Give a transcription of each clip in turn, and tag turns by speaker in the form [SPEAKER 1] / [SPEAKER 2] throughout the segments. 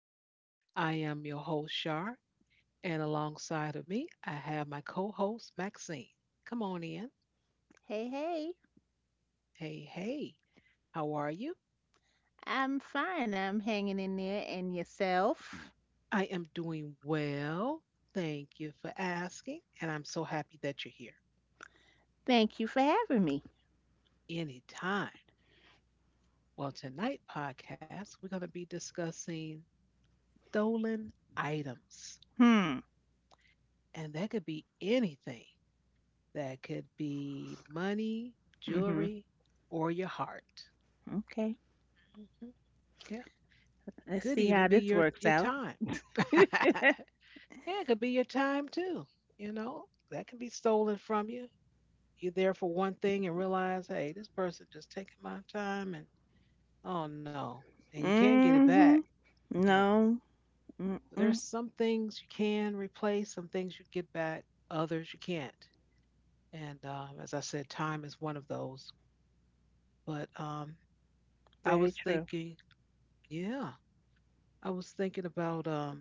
[SPEAKER 1] land. I am your host, Shar, and alongside of me, I have my co host, Maxine. Come on in.
[SPEAKER 2] Hey, hey,
[SPEAKER 1] Hey, hey, how are you?
[SPEAKER 2] I'm fine. I'm hanging in there. And yourself?
[SPEAKER 1] I am doing well. Thank you for asking, and I'm so happy that you're here.
[SPEAKER 2] Thank you for having me.
[SPEAKER 1] Anytime. Well, tonight podcast, we're going to be discussing stolen items,
[SPEAKER 2] Hmm.
[SPEAKER 1] and that could be anything. That could be money,
[SPEAKER 2] Mm-hmm.
[SPEAKER 1] jewelry, or your heart.
[SPEAKER 2] Okay.
[SPEAKER 1] Mhm. Yeah.
[SPEAKER 2] Let's
[SPEAKER 1] Could
[SPEAKER 2] see
[SPEAKER 1] even
[SPEAKER 2] how
[SPEAKER 1] be
[SPEAKER 2] this
[SPEAKER 1] your
[SPEAKER 2] works
[SPEAKER 1] your
[SPEAKER 2] out.
[SPEAKER 1] time. Yeah, it could be your time too. You know, that can be stolen from you. You're there for one thing and realize, hey, this person just taking my time and oh no. And you can't get it back,
[SPEAKER 2] Mm-hmm.
[SPEAKER 1] you know.
[SPEAKER 2] No.
[SPEAKER 1] So
[SPEAKER 2] Mm-mm.
[SPEAKER 1] there's some things you can replace, some things you get back, others you can't. And As I said, time is one of those. But I
[SPEAKER 2] Very
[SPEAKER 1] was
[SPEAKER 2] true.
[SPEAKER 1] thinking, yeah, I was thinking about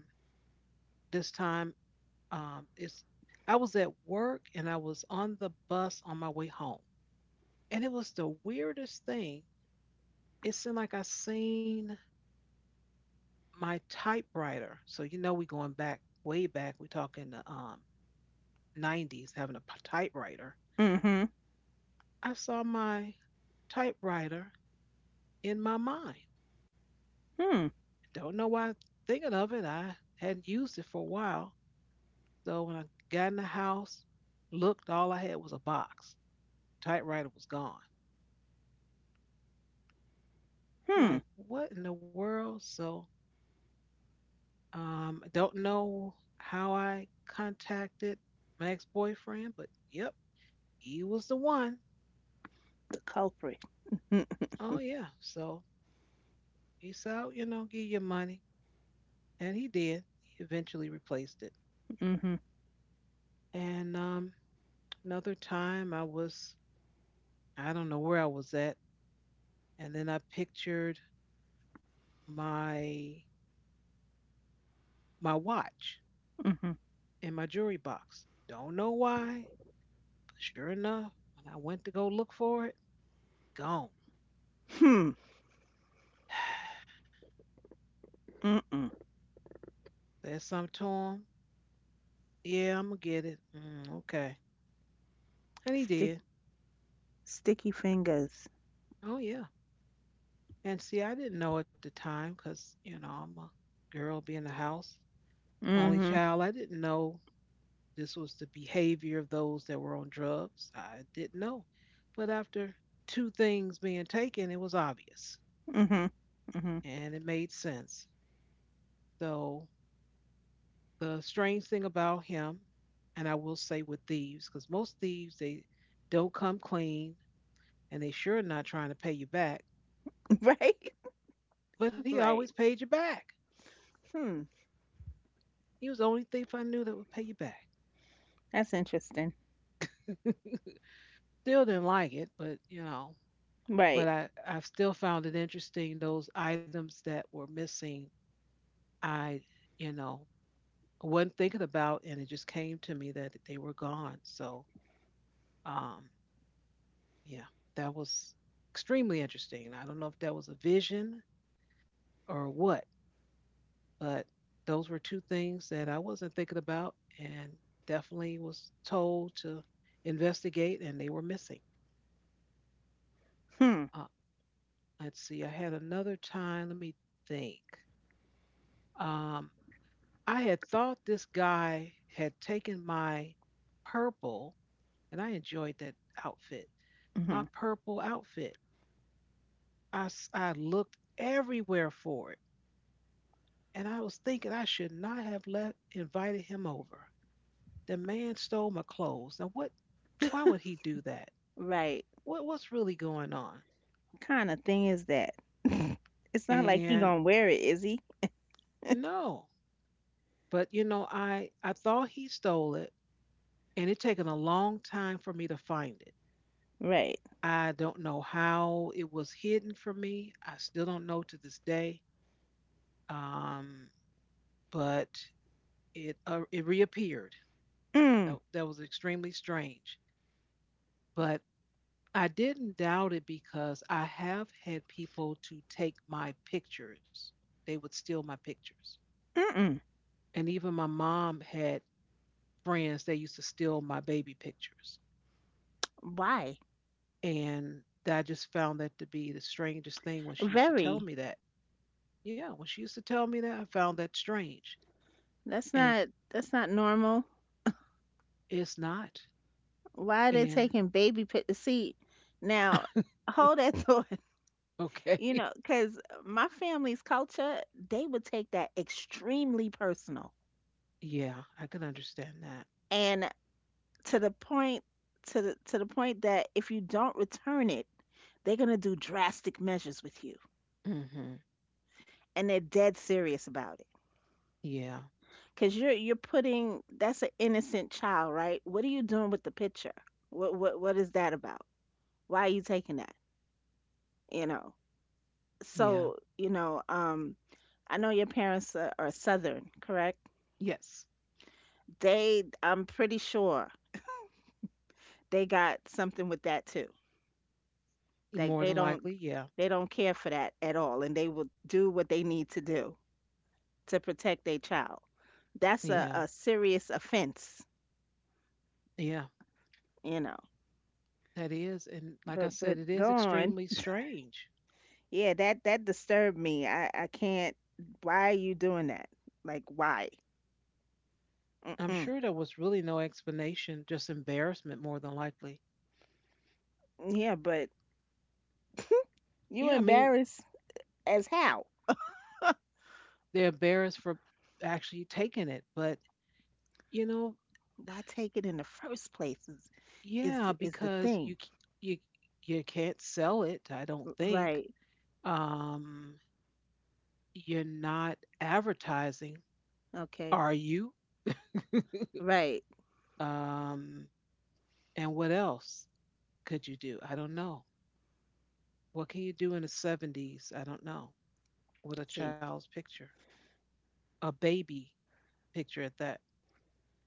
[SPEAKER 1] this time. It's I was at work and I was on the bus on my way home, and it was the weirdest thing. It seemed like I seen my typewriter. So you know, we going back way back. We talking the 90s, having a typewriter.
[SPEAKER 2] Mm-hmm.
[SPEAKER 1] I saw my typewriter in my mind.
[SPEAKER 2] Hmm.
[SPEAKER 1] Don't know why. Thinking of it, I hadn't used it for a while. So when I got in the house, looked, all I had was a box. Typewriter was gone. I'm
[SPEAKER 2] Hmm.
[SPEAKER 1] like, what in the world? So, I don't know how I contacted my ex boyfriend, but yep, he was the one.
[SPEAKER 2] The culprit. Mm-hmm.
[SPEAKER 1] Oh, yeah. So he said, "I'll, you know, give your money." And he did. He eventually replaced it. And Another time I was, I don't know where I was at. And then I pictured my watch
[SPEAKER 2] Mm-hmm.
[SPEAKER 1] in my jewelry box. Don't know why. But sure enough, when I went to go look for it, gone.
[SPEAKER 2] Hmm. Mm-mm.
[SPEAKER 1] There's something to him. Yeah, I'm gonna get it. Mm, okay. And he
[SPEAKER 2] Stick,
[SPEAKER 1] did.
[SPEAKER 2] sticky fingers.
[SPEAKER 1] Oh yeah. And see, I didn't know at the time because you know I'm a girl, being the house only
[SPEAKER 2] Mm-hmm.
[SPEAKER 1] child. I didn't know this was the behavior of those that were on drugs. I didn't know. But after two things being taken, it was obvious
[SPEAKER 2] Mm-hmm. Mm-hmm.
[SPEAKER 1] and it made sense. So the strange thing about him, and I will say with thieves, because most thieves they don't come clean and they sure not trying to pay you back.
[SPEAKER 2] Right?
[SPEAKER 1] But he always
[SPEAKER 2] Right.
[SPEAKER 1] paid you back.
[SPEAKER 2] Hmm.
[SPEAKER 1] He was the only thief I knew that would pay you back.
[SPEAKER 2] That's interesting.
[SPEAKER 1] Still didn't like it, but you know,
[SPEAKER 2] Right.
[SPEAKER 1] but I've still found it interesting those items that were missing. I you know wasn't thinking about, and it just came to me that they were gone. So um, yeah, that was extremely interesting. I don't know if that was a vision or what, but those were two things that I wasn't thinking about, and definitely was told to investigate, and they were missing.
[SPEAKER 2] Hmm.
[SPEAKER 1] Um, Let's see. I had another time. Let me think. Um, I had thought this guy had taken my purple, and I enjoyed that outfit. My
[SPEAKER 2] Mm-hmm.
[SPEAKER 1] purple outfit. I looked everywhere for it, and I was thinking I should not have let invited him over. The man stole my clothes. Now what? Why would he do that?
[SPEAKER 2] Right.
[SPEAKER 1] What's really going on?
[SPEAKER 2] Kind of thing is that? It's not like he
[SPEAKER 1] And
[SPEAKER 2] gonna wear it, is he?
[SPEAKER 1] no, but you know, I thought he stole it and it taken a long time for me to find it.
[SPEAKER 2] Right.
[SPEAKER 1] I don't know how it was hidden from me. I still don't know to this day. Um, but it reappeared.
[SPEAKER 2] Mm.
[SPEAKER 1] That was extremely strange. But I didn't doubt it because I have had people to take my pictures. They would steal my pictures,
[SPEAKER 2] Mm-mm.
[SPEAKER 1] and even my mom had friends. They used to steal my baby pictures,
[SPEAKER 2] Why?
[SPEAKER 1] and I just found that to be the strangest thing when she used to tell
[SPEAKER 2] Very.
[SPEAKER 1] me that. Yeah, when she used to tell me that, I found that strange.
[SPEAKER 2] That's
[SPEAKER 1] And
[SPEAKER 2] not. That's not normal.
[SPEAKER 1] it's not.
[SPEAKER 2] Why are they
[SPEAKER 1] And
[SPEAKER 2] taking baby pic? See, now hold that thought. You
[SPEAKER 1] okay.
[SPEAKER 2] know, because my family's culture, they would take that extremely personal,
[SPEAKER 1] Yeah, I can understand that.
[SPEAKER 2] and to the point, to the point that if you don't return it, they're gonna do drastic measures with you,
[SPEAKER 1] Hmm.
[SPEAKER 2] and they're dead serious about it.
[SPEAKER 1] Yeah,
[SPEAKER 2] Because you're putting that's an innocent child, right? What are you doing with the picture? What what is that about? Why are you taking that? You know.
[SPEAKER 1] yeah,
[SPEAKER 2] So you know, I know your parents are Southern, correct?
[SPEAKER 1] yes.
[SPEAKER 2] They, I'm pretty sure they got something with that too. Like
[SPEAKER 1] More
[SPEAKER 2] they
[SPEAKER 1] than
[SPEAKER 2] don't
[SPEAKER 1] likely, yeah,
[SPEAKER 2] they don't care for that at all, and they will do what they need to do to protect their child. That's a,
[SPEAKER 1] yeah,
[SPEAKER 2] a serious offense,
[SPEAKER 1] yeah,
[SPEAKER 2] you know.
[SPEAKER 1] that is. And like I
[SPEAKER 2] But
[SPEAKER 1] said, it is
[SPEAKER 2] go on.
[SPEAKER 1] extremely strange.
[SPEAKER 2] Yeah, that that disturbed me. I can't. Why are you doing that? Like why?
[SPEAKER 1] I'm
[SPEAKER 2] Mm-mm.
[SPEAKER 1] sure there was really no explanation, just embarrassment, more than likely.
[SPEAKER 2] Yeah, but you
[SPEAKER 1] Yeah, I mean,
[SPEAKER 2] embarrassed as how?
[SPEAKER 1] they're embarrassed for actually taking it, but you know,
[SPEAKER 2] Why take it in the first place
[SPEAKER 1] yeah,
[SPEAKER 2] is the
[SPEAKER 1] because
[SPEAKER 2] thing.
[SPEAKER 1] you you can't sell it, I don't
[SPEAKER 2] R-
[SPEAKER 1] think.
[SPEAKER 2] Right.
[SPEAKER 1] Um, you're not advertising,
[SPEAKER 2] Okay.
[SPEAKER 1] are you?
[SPEAKER 2] Right.
[SPEAKER 1] Um, and what else could you do? I don't know. What can you do in the 70s? I don't know. With a
[SPEAKER 2] See,
[SPEAKER 1] child's picture, a baby picture at that.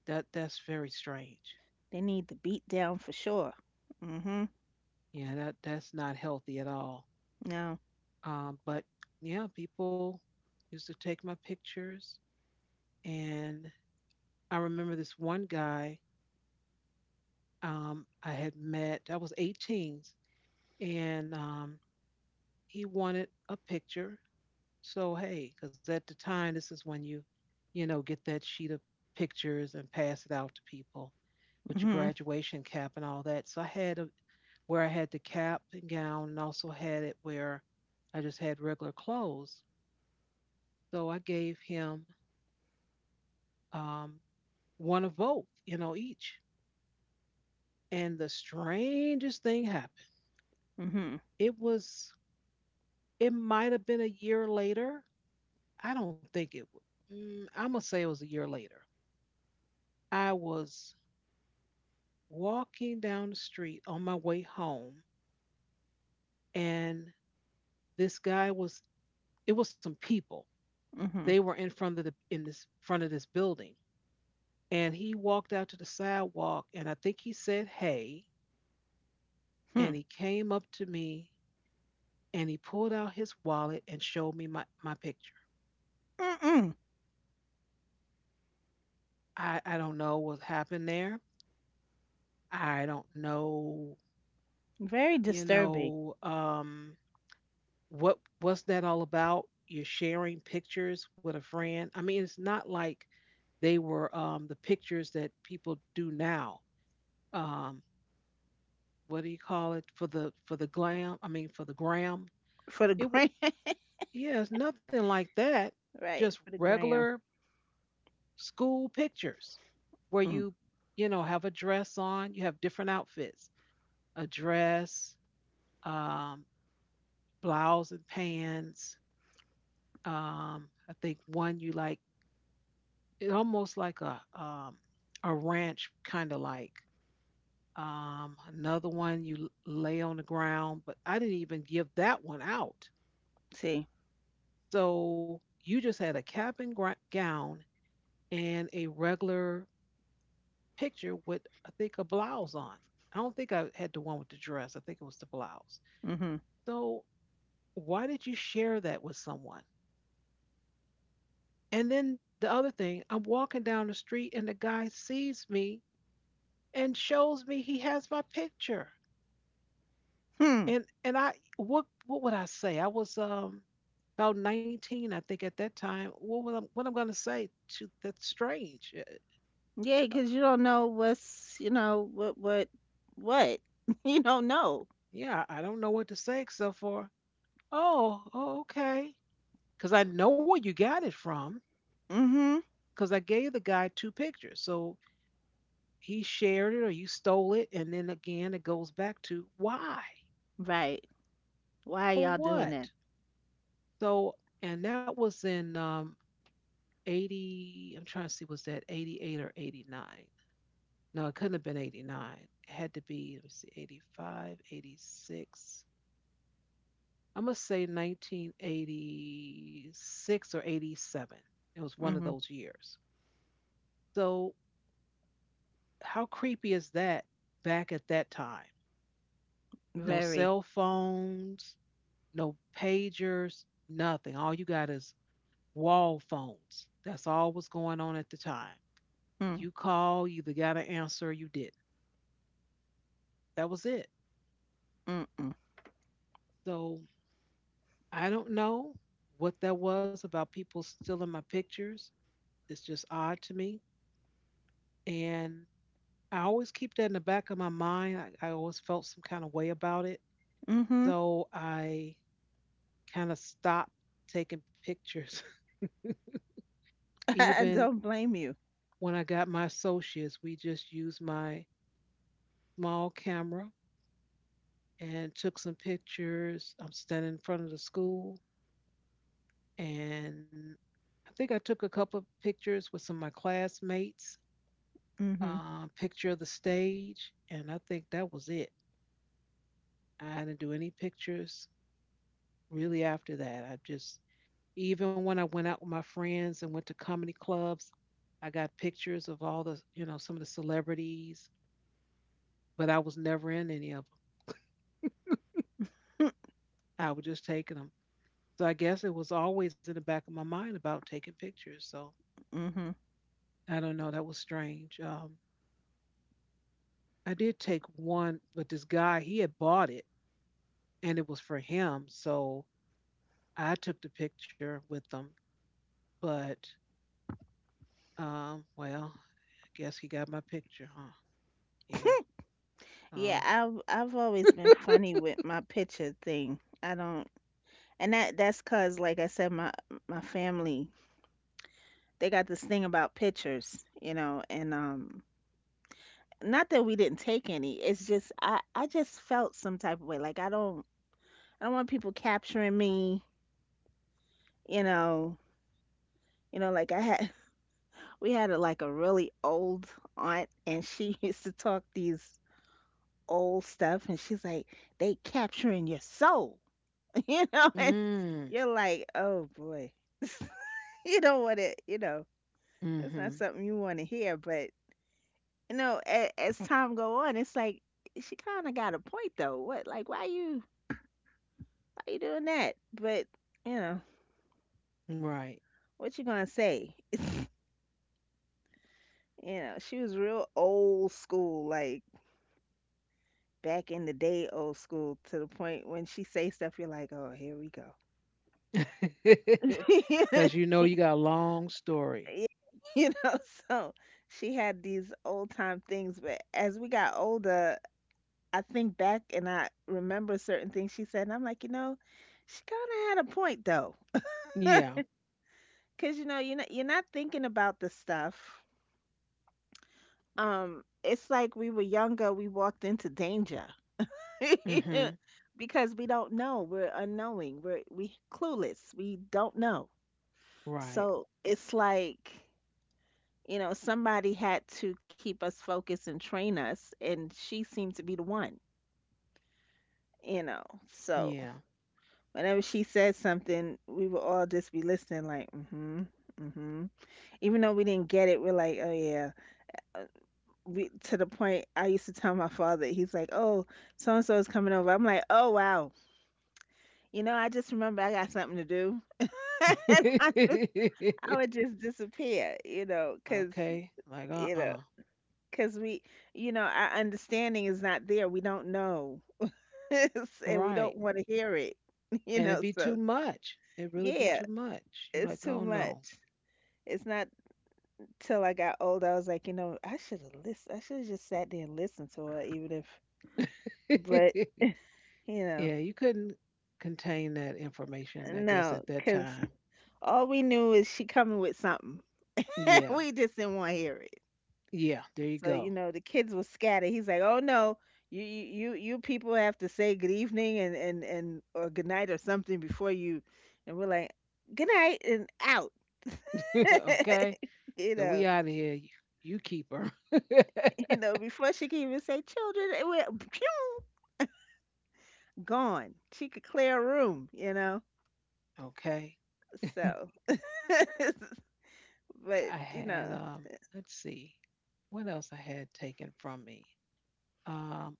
[SPEAKER 1] That's very strange.
[SPEAKER 2] they need the beat down for sure. Mm-hmm.
[SPEAKER 1] Yeah, that's not healthy at all.
[SPEAKER 2] No.
[SPEAKER 1] Um, but yeah, People used to take my pictures and I remember this one guy I had met. I was 18, and he wanted a picture. So hey, because at the time, this is when you know, get that sheet of pictures and pass it out to people with your
[SPEAKER 2] Mm-hmm.
[SPEAKER 1] graduation cap and all that. So I had a, where I had the cap and gown, and also had it where I just had regular clothes. So I gave him um, one of both, you know, each. And the strangest thing happened.
[SPEAKER 2] Mm-hmm.
[SPEAKER 1] It was. It might have been a year later. I don't think it. W- Mm, I'm gonna say it was a year later. I was walking down the street on my way home, and this guy was. It was some people. They
[SPEAKER 2] Mm-hmm.
[SPEAKER 1] were in front of the in this front of this building, and he walked out to the sidewalk, and I think he said, "Hey,"
[SPEAKER 2] Hmm.
[SPEAKER 1] and he came up to me, and he pulled out his wallet and showed me my picture.
[SPEAKER 2] Mm-mm.
[SPEAKER 1] I don't know what happened there. I don't know,
[SPEAKER 2] Very
[SPEAKER 1] you
[SPEAKER 2] disturbing
[SPEAKER 1] know um what's that all about? You're sharing pictures with a friend. I mean, it's not like they were, the pictures that people do now, um what do you call it, for the glam I mean for the gram.
[SPEAKER 2] for the
[SPEAKER 1] it wa-
[SPEAKER 2] gram.
[SPEAKER 1] yeah, it's nothing like that.
[SPEAKER 2] Right.
[SPEAKER 1] Just
[SPEAKER 2] For the gram.
[SPEAKER 1] regular school pictures where
[SPEAKER 2] Mm.
[SPEAKER 1] you know, have a dress on. You have different outfits, a dress, um blouse and pants. I think one you like it almost like a ranch kind of like. Another one you lay on the ground, but I didn't even give that one out.
[SPEAKER 2] See.
[SPEAKER 1] So you just had a cap and gown and a regular picture with I think a blouse on. I don't think I had the one with the dress. I think it was the blouse.
[SPEAKER 2] Mm-hmm.
[SPEAKER 1] So why did you share that with someone? And then the other thing, I'm walking down the street and the guy sees me and shows me he has my picture.
[SPEAKER 2] Hmm.
[SPEAKER 1] And I, what would I say? I was about 19, I think at that time. What I'm gonna say to, that's strange.
[SPEAKER 2] Yeah, because you don't know what's, you know, what, what. You don't know.
[SPEAKER 1] Yeah, I don't know what to say except for oh, oh okay, because I know where you got it from.
[SPEAKER 2] Mm-hmm.
[SPEAKER 1] Because I gave the guy two pictures, so he shared it or you stole it, and then again it goes back to why,
[SPEAKER 2] Right. Why are
[SPEAKER 1] for
[SPEAKER 2] y'all doing
[SPEAKER 1] what.
[SPEAKER 2] that?
[SPEAKER 1] So, and that was in 80, I'm trying to see, was that 88 or 89? No, it couldn't have been 89. It had to be, let me see, 85 86. I'm going to say 1986 or 87. It was one of
[SPEAKER 2] Mm-hmm.
[SPEAKER 1] those years. So how creepy is that? Back at that time, no
[SPEAKER 2] Very.
[SPEAKER 1] cell phones, no pagers, nothing. All you got is wall phones. That's all was going on at the time.
[SPEAKER 2] Mm,
[SPEAKER 1] You call, you either got an answer or you didn't. That was it.
[SPEAKER 2] mm-mm.
[SPEAKER 1] So I don't know what that was about, people stealing my pictures. It's just odd to me. And I always keep that in the back of my mind. I always felt some kind of way about it.
[SPEAKER 2] Mm-hmm.
[SPEAKER 1] So I kind of stopped taking pictures.
[SPEAKER 2] I
[SPEAKER 1] Even
[SPEAKER 2] don't blame you.
[SPEAKER 1] when I got my associates, we just used my small camera and took some pictures. I'm standing in front of the school and I think I took a couple of pictures with some of my classmates,
[SPEAKER 2] Mm-hmm.
[SPEAKER 1] picture of the stage, and I think that was it. I didn't do any pictures really after that. I just, even when I went out with my friends and went to comedy clubs, I got pictures of all the, you know, some of the celebrities, but I was never in any of them. I was just taking them. So I guess it was always in the back of my mind about taking pictures. So
[SPEAKER 2] Mm-hmm.
[SPEAKER 1] I don't know. That was strange. I did take one, but this guy, he had bought it and it was for him. So I took the picture with them. But I guess he got my picture, huh? Yeah.
[SPEAKER 2] Yeah,
[SPEAKER 1] Oh.
[SPEAKER 2] I've always been funny with my picture thing. I don't, and that's 'cause, like I said, my family they got this thing about pictures, you know, and not that we didn't take any. It's just I just felt some type of way. Like I don't. I don't want people capturing me, you know, you know, like I had we had a, like a really old aunt and she used to talk these old stuff and she's like, they capturing your soul, you know, and
[SPEAKER 1] Mm.
[SPEAKER 2] you're like, oh boy, you don't want to, you know, that's not
[SPEAKER 1] Mm-hmm.
[SPEAKER 2] something you want to hear, but you know, as time go on, it's like she kind of got a point though. What, like, why you doing that? But you know,
[SPEAKER 1] Right.
[SPEAKER 2] what you gonna say? You know, she was real old school, like back in the day old school to the point when she say stuff you're like, "Oh, here we go."
[SPEAKER 1] Cause you know you got a long story.
[SPEAKER 2] Yeah, you know, so she had these old time things, but as we got older, I think back and I remember certain things she said, and I'm like, you know, she kind of had a point though,
[SPEAKER 1] Yeah.
[SPEAKER 2] because you know, you're not thinking about the stuff. It's like we were younger, we walked into danger.
[SPEAKER 1] Mm-hmm.
[SPEAKER 2] Because we don't know. We're unknowing. We're we clueless. We don't know.
[SPEAKER 1] Right.
[SPEAKER 2] So it's like, you know, somebody had to keep us focused and train us, and she seemed to be the one, you know. So
[SPEAKER 1] Yeah.
[SPEAKER 2] whenever she said something, we would all just be listening, like, mm-hmm, mm-hmm. Even though we didn't get it, we're like, oh yeah. Uh, We, to the point, I used to tell my father, he's like, oh, so and so is coming over. I'm like, oh wow. You know, I just remember I got something to do. And I would just disappear,
[SPEAKER 1] Okay. Like,
[SPEAKER 2] you know, because we, you know, our understanding is not there. We don't know, and we don't
[SPEAKER 1] Right.
[SPEAKER 2] want to hear it, you
[SPEAKER 1] And it'd
[SPEAKER 2] know.
[SPEAKER 1] be
[SPEAKER 2] So
[SPEAKER 1] too much. It'd really be
[SPEAKER 2] yeah,
[SPEAKER 1] too much. You're like,
[SPEAKER 2] it's
[SPEAKER 1] oh
[SPEAKER 2] too
[SPEAKER 1] no.
[SPEAKER 2] much. It's not till I got old I was like, you know, I should have listened. I should have just sat there and listened to her, even if, but
[SPEAKER 1] Yeah,
[SPEAKER 2] you know,
[SPEAKER 1] you couldn't contain that information, I guess,
[SPEAKER 2] no,
[SPEAKER 1] at that
[SPEAKER 2] because
[SPEAKER 1] time.
[SPEAKER 2] all we knew is she coming with something.
[SPEAKER 1] Yeah.
[SPEAKER 2] We just didn't want to hear it.
[SPEAKER 1] Yeah, there you
[SPEAKER 2] So, you
[SPEAKER 1] go.
[SPEAKER 2] know, the kids will scatter. He's like, "Oh no, you people have to say good evening and or good night or something before you." And we're like, "Good night and out."
[SPEAKER 1] Okay.
[SPEAKER 2] You
[SPEAKER 1] So we
[SPEAKER 2] know,
[SPEAKER 1] out of here. You keep her.
[SPEAKER 2] you know, before she can even say children, it went gone. She could clear a room, you know.
[SPEAKER 1] Okay.
[SPEAKER 2] So, but
[SPEAKER 1] I
[SPEAKER 2] you
[SPEAKER 1] had
[SPEAKER 2] know,
[SPEAKER 1] um let's see. What else I had taken from me? Um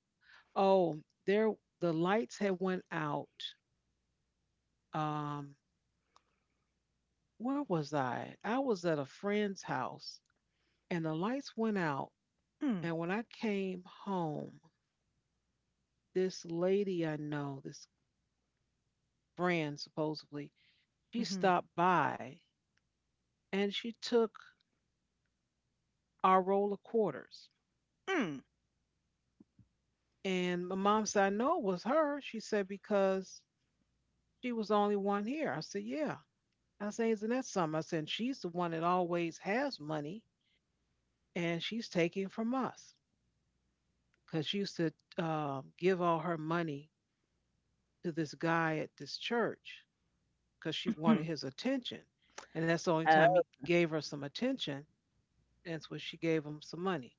[SPEAKER 1] oh, there the lights had went out. Um where was I? I was at a friend's house and the lights went out,
[SPEAKER 2] mm,
[SPEAKER 1] and when I came home, this lady I know, this friend supposedly, she
[SPEAKER 2] mm-hmm,
[SPEAKER 1] stopped by and she took our roll of quarters.
[SPEAKER 2] mm,
[SPEAKER 1] And my mom said, I know it was her. She said, because she was the only one here. I said, yeah. I said, isn't that something? I said, "And she's the one that always has money and she's taking from us because she used to give all her money to this guy at this church because she wanted
[SPEAKER 2] mhm,
[SPEAKER 1] his attention. And that's the only time
[SPEAKER 2] oh,
[SPEAKER 1] he gave her some attention. And that's when she gave him some money.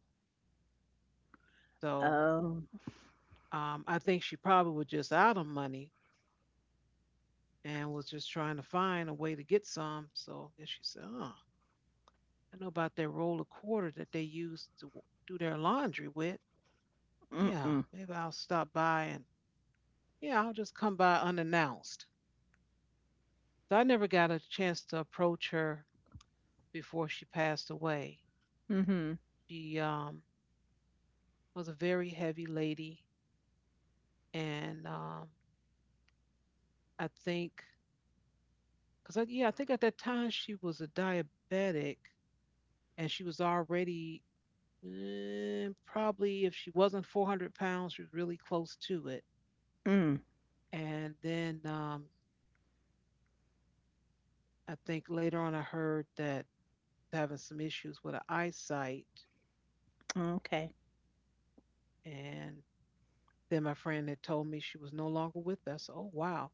[SPEAKER 1] So
[SPEAKER 2] oh,
[SPEAKER 1] I think she probably was just out of money and was just trying to find a way to get some. So then she said, Oh, I know about that roll of quarter that they use to do their laundry with.
[SPEAKER 2] mm,
[SPEAKER 1] Yeah,
[SPEAKER 2] mm,
[SPEAKER 1] maybe I'll stop by and yeah, I'll just come by unannounced. So I never got a chance to approach her before she passed away.
[SPEAKER 2] mm-hmm,
[SPEAKER 1] She was a very heavy lady, and I think, cause yeah, I think at that time she was a diabetic, and she was already Eh, probably if she wasn't 400 pounds, she was really close to it.
[SPEAKER 2] mm,
[SPEAKER 1] And then I think later on I heard that having some issues with her eyesight.
[SPEAKER 2] okay.
[SPEAKER 1] And then my friend had told me she was no longer with us. Oh, wow.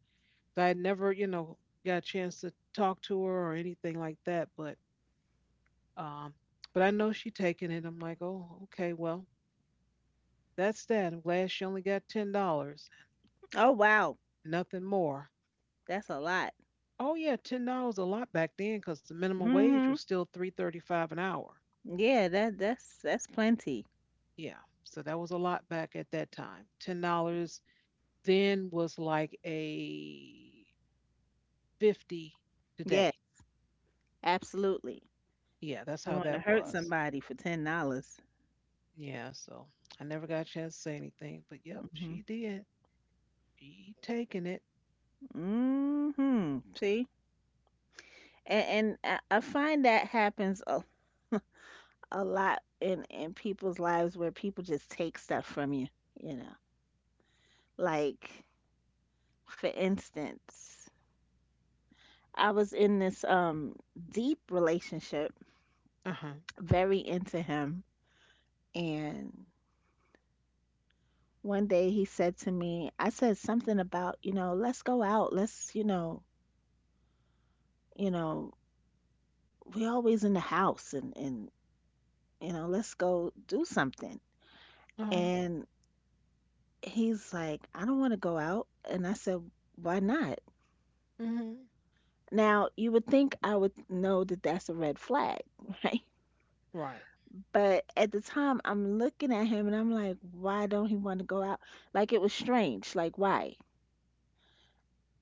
[SPEAKER 1] So I had never, you know, got a chance to talk to her or anything like that. But, um, but I know she taking it. I'm like, oh, okay, well, that's that. I'm glad she only got $10,
[SPEAKER 2] Oh wow,
[SPEAKER 1] nothing more.
[SPEAKER 2] that's a lot.
[SPEAKER 1] Oh yeah, $10 a lot back then because the minimum wage was
[SPEAKER 2] Mhm.
[SPEAKER 1] still 3.35 an hour.
[SPEAKER 2] Yeah, that that's plenty.
[SPEAKER 1] Yeah, so that was a lot back at that time. $10 then was like a 50
[SPEAKER 2] Yeah,
[SPEAKER 1] today.
[SPEAKER 2] absolutely.
[SPEAKER 1] Yeah, that's
[SPEAKER 2] You
[SPEAKER 1] how
[SPEAKER 2] want to
[SPEAKER 1] that
[SPEAKER 2] hurt
[SPEAKER 1] was.
[SPEAKER 2] somebody for $10?
[SPEAKER 1] Yeah, so I never got a chance to say anything, but yep,
[SPEAKER 2] Mhm.
[SPEAKER 1] she did. She taking it.
[SPEAKER 2] Mhm. See, and I find that happens a lot in people's lives where people just take stuff from you. You know, like for instance, I was in this deep relationship,
[SPEAKER 1] Uh huh.
[SPEAKER 2] very into him, and one day he said to me, I said something about, you know, let's go out. Let's, you know, we always in the house and you know, let's go do something.
[SPEAKER 1] Uh huh.
[SPEAKER 2] And he's like, I don't want to go out. And I said, why not?
[SPEAKER 1] Mhm.
[SPEAKER 2] Now, you would think I would know that that's a red flag, right?
[SPEAKER 1] Right.
[SPEAKER 2] But at the time, I'm looking at him and I'm like, why don't he want to go out? Like it was strange. Like why?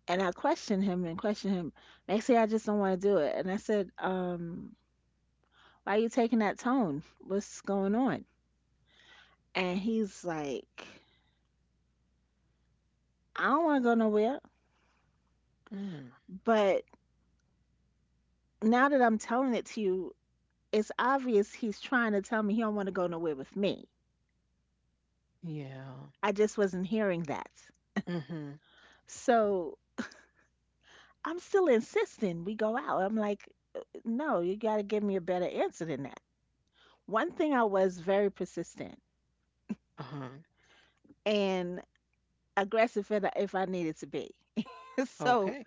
[SPEAKER 2] And I questioned him and questioned him. Next thing I just don't want to do it. And I said, why you taking that tone? What's going on? And he's like, I don't want to go nowhere.
[SPEAKER 1] Mm.
[SPEAKER 2] But now that I'm telling it to you, it's obvious he's trying to tell me he don't want to go nowhere with me.
[SPEAKER 1] Yeah.
[SPEAKER 2] I just wasn't hearing that.
[SPEAKER 1] Mhm.
[SPEAKER 2] So I'm still insisting we go out. I'm like, no, you got to give me a better answer than that. One thing I was very persistent
[SPEAKER 1] Uh huh.
[SPEAKER 2] and aggressive if I needed to be. So
[SPEAKER 1] Okay.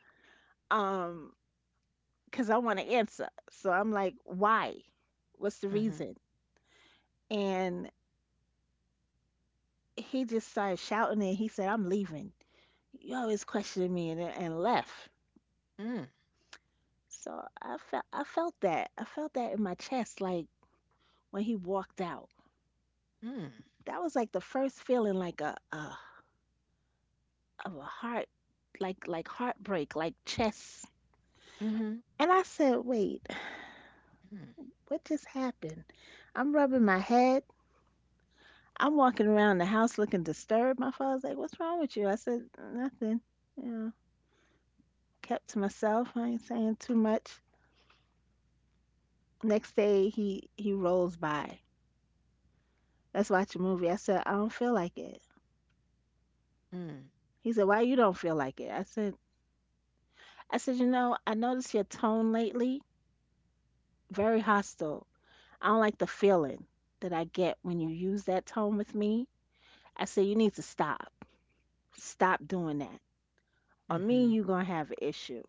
[SPEAKER 2] um, because I want to answer. So I'm like, why? What's the
[SPEAKER 1] Mhm.
[SPEAKER 2] reason? And he just started shouting and he said, I'm leaving. You always questioned me and left.
[SPEAKER 1] Mm.
[SPEAKER 2] So I felt that. I felt that in my chest, like when he walked out.
[SPEAKER 1] Mm.
[SPEAKER 2] That was like the first feeling like a of a heart like heartbreak, like chest.
[SPEAKER 1] Mhm.
[SPEAKER 2] And I said, wait,
[SPEAKER 1] Mm.
[SPEAKER 2] what just happened? I'm rubbing my head I'm walking around the house looking disturbed. My father's like, what's wrong with you? I said, nothing. You know, kept to myself. I ain't saying too much. Next day, he rolls by. Let's watch a movie. I said, I don't feel like it.
[SPEAKER 1] Mm.
[SPEAKER 2] He said, why you don't feel like it? I said, you know, I noticed your tone lately, very hostile. I don't like the feeling that I get when you use that tone with me. I said, you need to stop. Stop doing that. Or me and
[SPEAKER 1] Mm-hmm.
[SPEAKER 2] you gonna have an issue.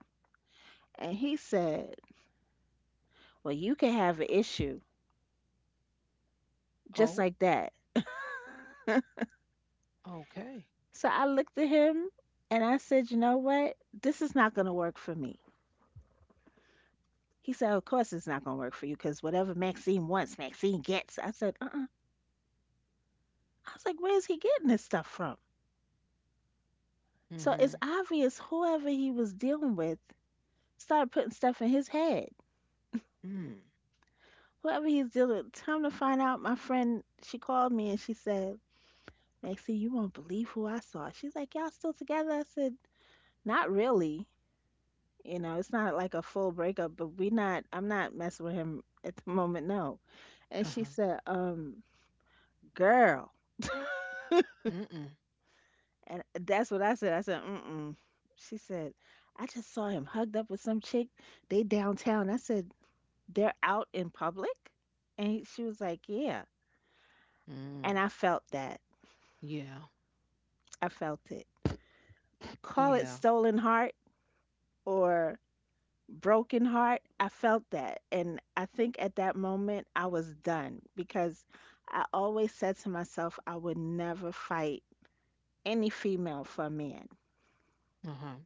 [SPEAKER 2] And he said, well, you can have an issue just
[SPEAKER 1] Oh,
[SPEAKER 2] like that.
[SPEAKER 1] okay.
[SPEAKER 2] So I looked at him and I said, you know what? This is not going to work for me. He said, of course it's not going to work for you because whatever Maxine wants, Maxine gets. I said, uh uh, I was like, where's he getting this stuff from? So it's
[SPEAKER 1] Mm-hmm.
[SPEAKER 2] obvious whoever he was dealing with started putting stuff in his head.
[SPEAKER 1] Mm.
[SPEAKER 2] Whoever he's dealing with, time to find out, my friend, she called me and she said, Maxine, you won't believe who I saw. She's like, y'all still together? I said, not really. You know, it's not like a full breakup, but we not I'm not messing with him at the moment, no. And she
[SPEAKER 1] Uh-huh.
[SPEAKER 2] said, girl.
[SPEAKER 1] Mm-mm.
[SPEAKER 2] And that's what I said. I said, mm-mm. She said, I just saw him hugged up with some chick. They downtown. I said, they're out in public? And she was like, yeah. And
[SPEAKER 1] Mm.
[SPEAKER 2] I felt that.
[SPEAKER 1] Yeah.
[SPEAKER 2] I felt it. Call it
[SPEAKER 1] Yeah.
[SPEAKER 2] stolen heart or broken heart. I felt that, and I think at that moment I was done because I always said to myself I would never fight any female for a man.
[SPEAKER 1] Uh-huh.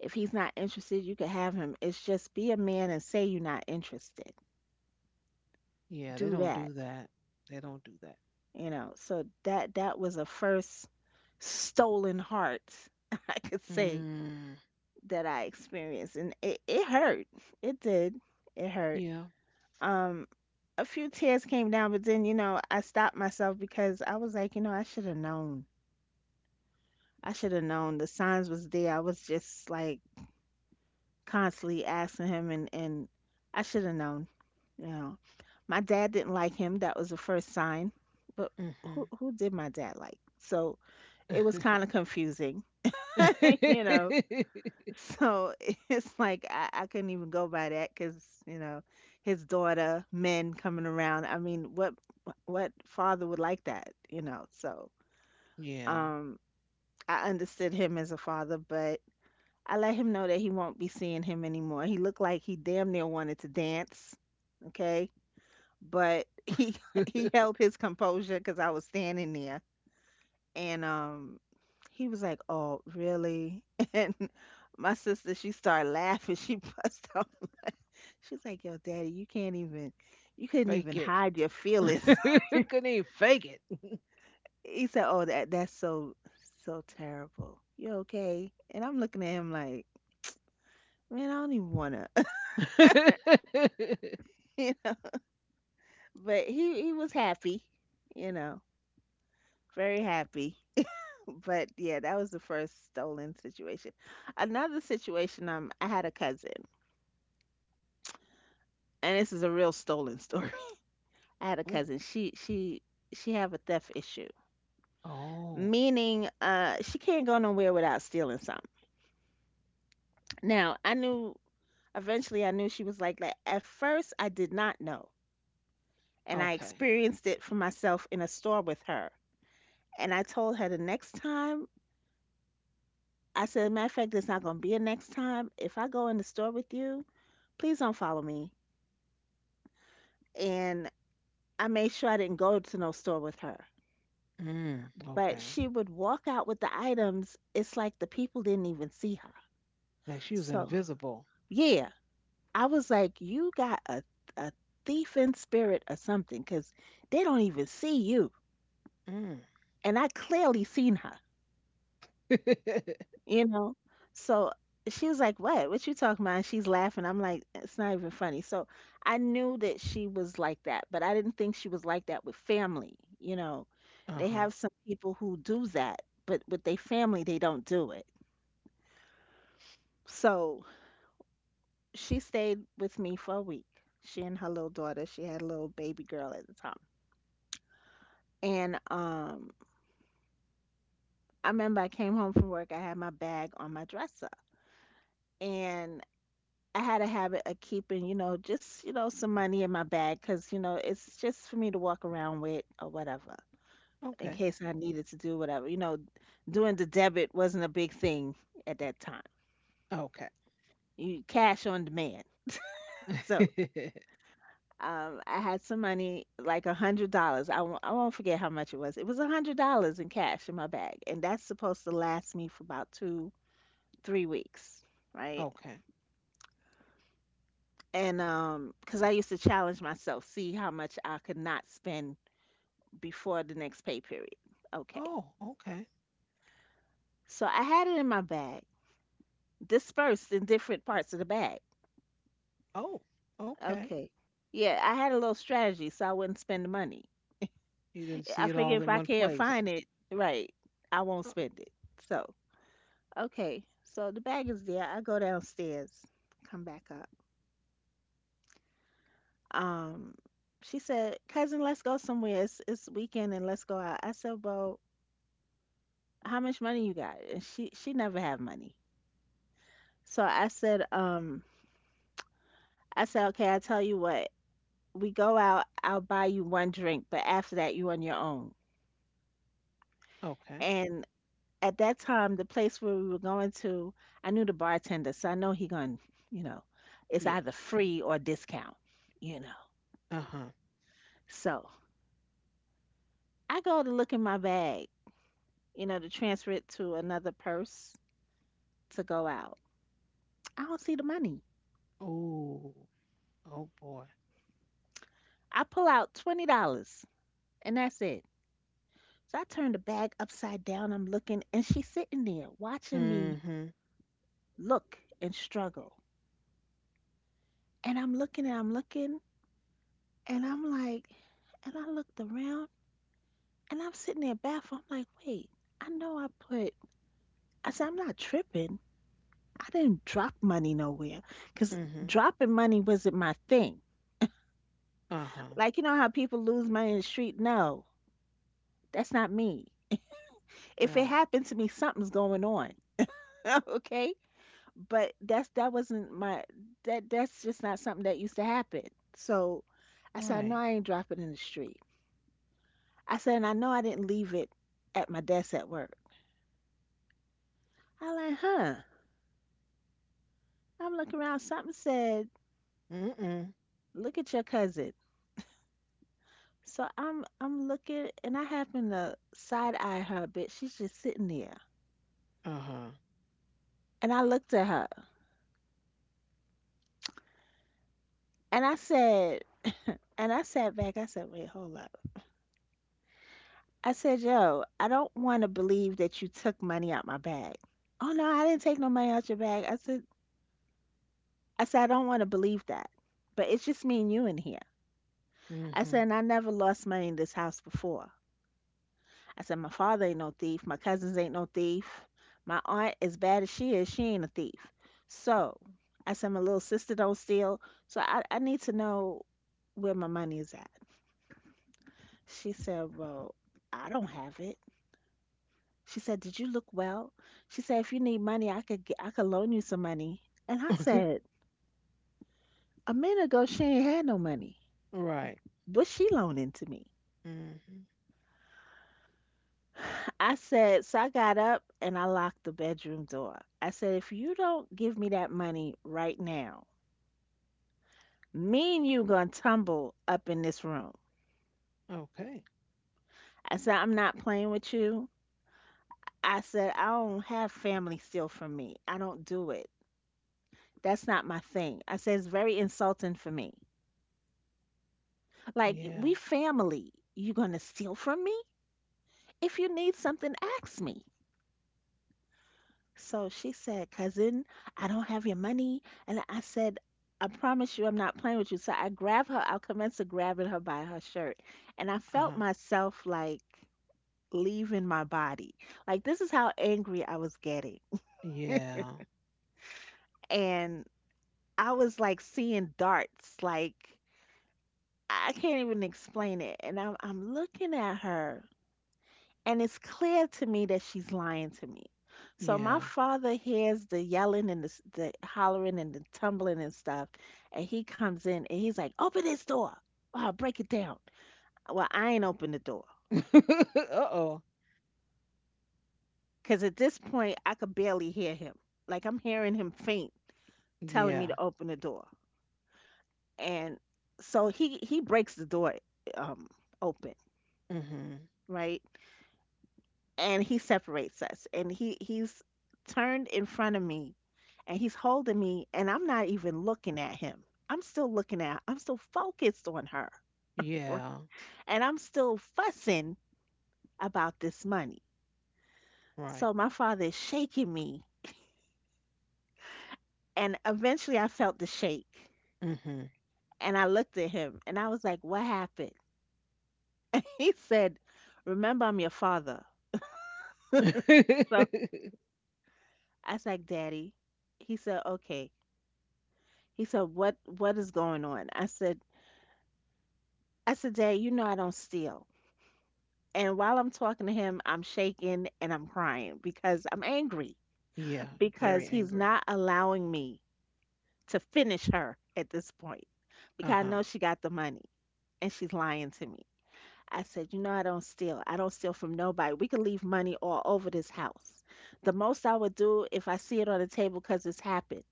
[SPEAKER 2] If he's not interested, you can have him. It's just be a man and say you're not interested.
[SPEAKER 1] Yeah, they
[SPEAKER 2] Do
[SPEAKER 1] don't do
[SPEAKER 2] that,
[SPEAKER 1] that. They don't do that.
[SPEAKER 2] you know. So that was a first stolen heart I could say
[SPEAKER 1] Mm.
[SPEAKER 2] that I experienced. And it hurt. It did. It hurt.
[SPEAKER 1] Yeah.
[SPEAKER 2] um a few tears came down, but then, I stopped myself because I was like, you know, I should have known. I should have known. The signs was there. I was just like constantly asking him, and I should have known, you know. My dad didn't like him. That was the first sign. But who did my dad like? So it was kind of confusing, you know.
[SPEAKER 1] Mm-hmm.
[SPEAKER 2] So it's like I couldn't even go by that because you know his daughter, men coming around. I mean, what father would like that? You know, so
[SPEAKER 1] Yeah.
[SPEAKER 2] um, I understood him as a father, but I let him know that he won't be seeing him anymore. He looked like he damn near wanted to dance, okay, but he he held his composure because I was standing there, and he was like, "Oh, really?" And my sister, she started laughing. She bust out. She's like, "Yo, Daddy, you can't even, you couldn't
[SPEAKER 1] Fake
[SPEAKER 2] even
[SPEAKER 1] it.
[SPEAKER 2] hide your feelings."
[SPEAKER 1] Couldn't even fake it.
[SPEAKER 2] He said, "Oh, that's so so terrible. You okay?" And I'm looking at him like, "Man, I don't even wanna." You know, but he was happy, you know, very happy. But yeah, that was the first stolen situation. Another situation, I had a cousin, and this is a real stolen story. I had a
[SPEAKER 1] Ooh.
[SPEAKER 2] cousin. She have a theft issue,
[SPEAKER 1] Oh.
[SPEAKER 2] meaning she can't go nowhere without stealing. Now, I knew, eventually I knew she was like that. At first, I did not know, and I
[SPEAKER 1] Okay.
[SPEAKER 2] experienced it for myself in a store with her. And I told her the next time, I said, matter of fact, there's not going to be a next time. If I go in the store with you, please don't follow me. And I made sure I didn't go to no store with her.
[SPEAKER 1] Mm.
[SPEAKER 2] But
[SPEAKER 1] Okay.
[SPEAKER 2] she would walk out with the items. It's like the people didn't even see her.
[SPEAKER 1] Like she was
[SPEAKER 2] So,
[SPEAKER 1] invisible.
[SPEAKER 2] yeah, I was like, you got a thief in spirit or something because they don't even see you.
[SPEAKER 1] Mm.
[SPEAKER 2] And I clearly seen her, you know. So she was like, "What? What you talking about?" And she's laughing. I'm like, "It's not even funny." So I knew that she was like that, but I didn't think she was like that with family. You know, they
[SPEAKER 1] Uh-huh.
[SPEAKER 2] have some people who do that, but with their family, they don't do it. So she stayed with me for a week. She and her little daughter. She had a little baby girl at the time. And I remember I came home from work. I had my bag on my dresser, and I had a habit of keeping, you know, just, you know, some money in my bag because, you know, it's just for me to walk around with or whatever, in
[SPEAKER 1] Okay.
[SPEAKER 2] case I needed to do whatever. You know, doing the debit wasn't a big thing at that time.
[SPEAKER 1] Okay.
[SPEAKER 2] You cash on demand. So I had some money, like $100. I won't forget how much it was. It was $100 in cash in my bag, and that's supposed to last me for about two, 3 weeks, right?
[SPEAKER 1] Okay. Oh,
[SPEAKER 2] And because I used to challenge myself, see how much I could not spend before the next pay period. Okay.
[SPEAKER 1] okay.
[SPEAKER 2] So I had it in my bag, dispersed in different parts of the bag.
[SPEAKER 1] Oh, okay.
[SPEAKER 2] Okay. Yeah, I had a little strategy so I wouldn't spend the money.
[SPEAKER 1] You didn't
[SPEAKER 2] I
[SPEAKER 1] see it
[SPEAKER 2] figure
[SPEAKER 1] all
[SPEAKER 2] if
[SPEAKER 1] in
[SPEAKER 2] I
[SPEAKER 1] one
[SPEAKER 2] can't
[SPEAKER 1] place.
[SPEAKER 2] find it, right, I won't
[SPEAKER 1] O-
[SPEAKER 2] spend it. So, okay. So the bag is there. I go downstairs, come back up. Um, she said, "Cousin, let's go somewhere. It's weekend, and let's go out." I said, "Well, how much money you got?" And she never had money. So I said, okay, I tell you what, we go out, I'll buy you one drink, but after that, you on your own.
[SPEAKER 1] okay.
[SPEAKER 2] And at that time, the place where we were going to, I knew the bartender, so I know he gonna, you know, it's
[SPEAKER 1] Yeah.
[SPEAKER 2] either free or discount, you know.
[SPEAKER 1] Uh huh.
[SPEAKER 2] So I go to look in my bag, you know, to transfer it to another purse to go out. I don't see the money.
[SPEAKER 1] Oh. Oh boy.
[SPEAKER 2] I pull out $20, and that's it. So I turn the bag upside down, I'm looking, and she's sitting there watching me
[SPEAKER 1] Mm-hmm.
[SPEAKER 2] look and struggle. And I'm looking and I'm looking and I'm like, and I looked around and I'm sitting there baffled. I'm like, wait, I know I put, I said, I'm not tripping. I didn't drop money nowhere because
[SPEAKER 1] Mm-hmm.
[SPEAKER 2] dropping money wasn't my thing.
[SPEAKER 1] Uh-huh.
[SPEAKER 2] Like, you know how people lose money in the street? No, that's not me. If it
[SPEAKER 1] Right.
[SPEAKER 2] happened to me, something's going on. Okay. But that's, that wasn't my, that, that's just not something that used to happen. So I said, no,
[SPEAKER 1] Right.
[SPEAKER 2] I ain't dropping in the street. I said, and I know I didn't leave it at my desk at work. I like, huh? I'm looking around. Something said,
[SPEAKER 1] Mm-mm.
[SPEAKER 2] look at your cousin. So I'm looking and I happen to side eye her a bit. She's just sitting there.
[SPEAKER 1] Uh-huh.
[SPEAKER 2] And I looked at her and I said, and I sat back, I said, wait, hold up. I said, yo, I don't wanna believe that you took money out my bag. Oh no, I didn't take no money out your bag. I said, I don't wanna believe that. But it's just me and you in here. I
[SPEAKER 1] Mm-hmm.
[SPEAKER 2] said, and I never lost money in this house before. I said, my father ain't no thief. My cousins ain't no thief. My aunt, as bad as she is, she ain't a thief. So I said, my little sister don't steal. So I need to know where my money is at. She said, well, I don't have it. She said, did you look well? She said, if you need money, I could loan you some money. And I said, a minute ago, she ain't had no money.
[SPEAKER 1] Right.
[SPEAKER 2] What's she loaning to me?
[SPEAKER 1] Mm-hmm.
[SPEAKER 2] I said, so I got up and I locked the bedroom door. I said, if you don't give me that money right now, me and you gonna tumble up in this room.
[SPEAKER 1] Okay.
[SPEAKER 2] I said, I'm not playing with you. I said, I don't have family steal from me. I don't do it. That's not my thing. I said, it's very insulting for me. Like,
[SPEAKER 1] Yeah.
[SPEAKER 2] we family. You gonna steal from me? If you need something, ask me. So she said, cousin, I don't have your money. And I said, I promise you, I'm not playing with you. So I grabbed her. I commenced to grabbing her by her shirt. And I felt
[SPEAKER 1] Uh-huh.
[SPEAKER 2] myself like leaving my body. Like, this is how angry I was getting.
[SPEAKER 1] Yeah.
[SPEAKER 2] And I was like seeing darts. Like, I can't even explain it. And I'm looking at her, and it's clear to me that she's lying to me. So my
[SPEAKER 1] Yeah.
[SPEAKER 2] father hears the yelling and the the hollering and the tumbling and stuff, and he comes in and he's like, "Open this door! Oh, break it down." Well, I ain't open the door
[SPEAKER 1] Uh-oh.
[SPEAKER 2] because at this point I could barely hear him. Like I'm hearing him faint, telling
[SPEAKER 1] Yeah.
[SPEAKER 2] me to open the door, and so he breaks the door um open,
[SPEAKER 1] Mm-hmm.
[SPEAKER 2] right? And he separates us, and he's turned in front of me and he's holding me and I'm not even looking at him. I'm still focused on her. Right?
[SPEAKER 1] Yeah.
[SPEAKER 2] And I'm still fussing about this money.
[SPEAKER 1] Right.
[SPEAKER 2] So my father is shaking me, and eventually I felt the shake
[SPEAKER 1] Mm-hmm.
[SPEAKER 2] and I looked at him and I was like, "What happened?" He said, "Remember I'm your father." So I was like, "Daddy." He said, "Okay." He said, what is going on?" I said, "Dad, you know I don't steal." And while I'm talking to him, I'm shaking and I'm crying because I'm angry
[SPEAKER 1] Yeah, you're
[SPEAKER 2] because
[SPEAKER 1] very
[SPEAKER 2] he's
[SPEAKER 1] angry.
[SPEAKER 2] not allowing me to finish her at this point because I
[SPEAKER 1] Uh-huh.
[SPEAKER 2] know she got the money and she's lying to me. I said, you know, I don't steal. I don't steal from nobody. We could leave money all over this house. The most I would do if I see it on the table, because it's happened,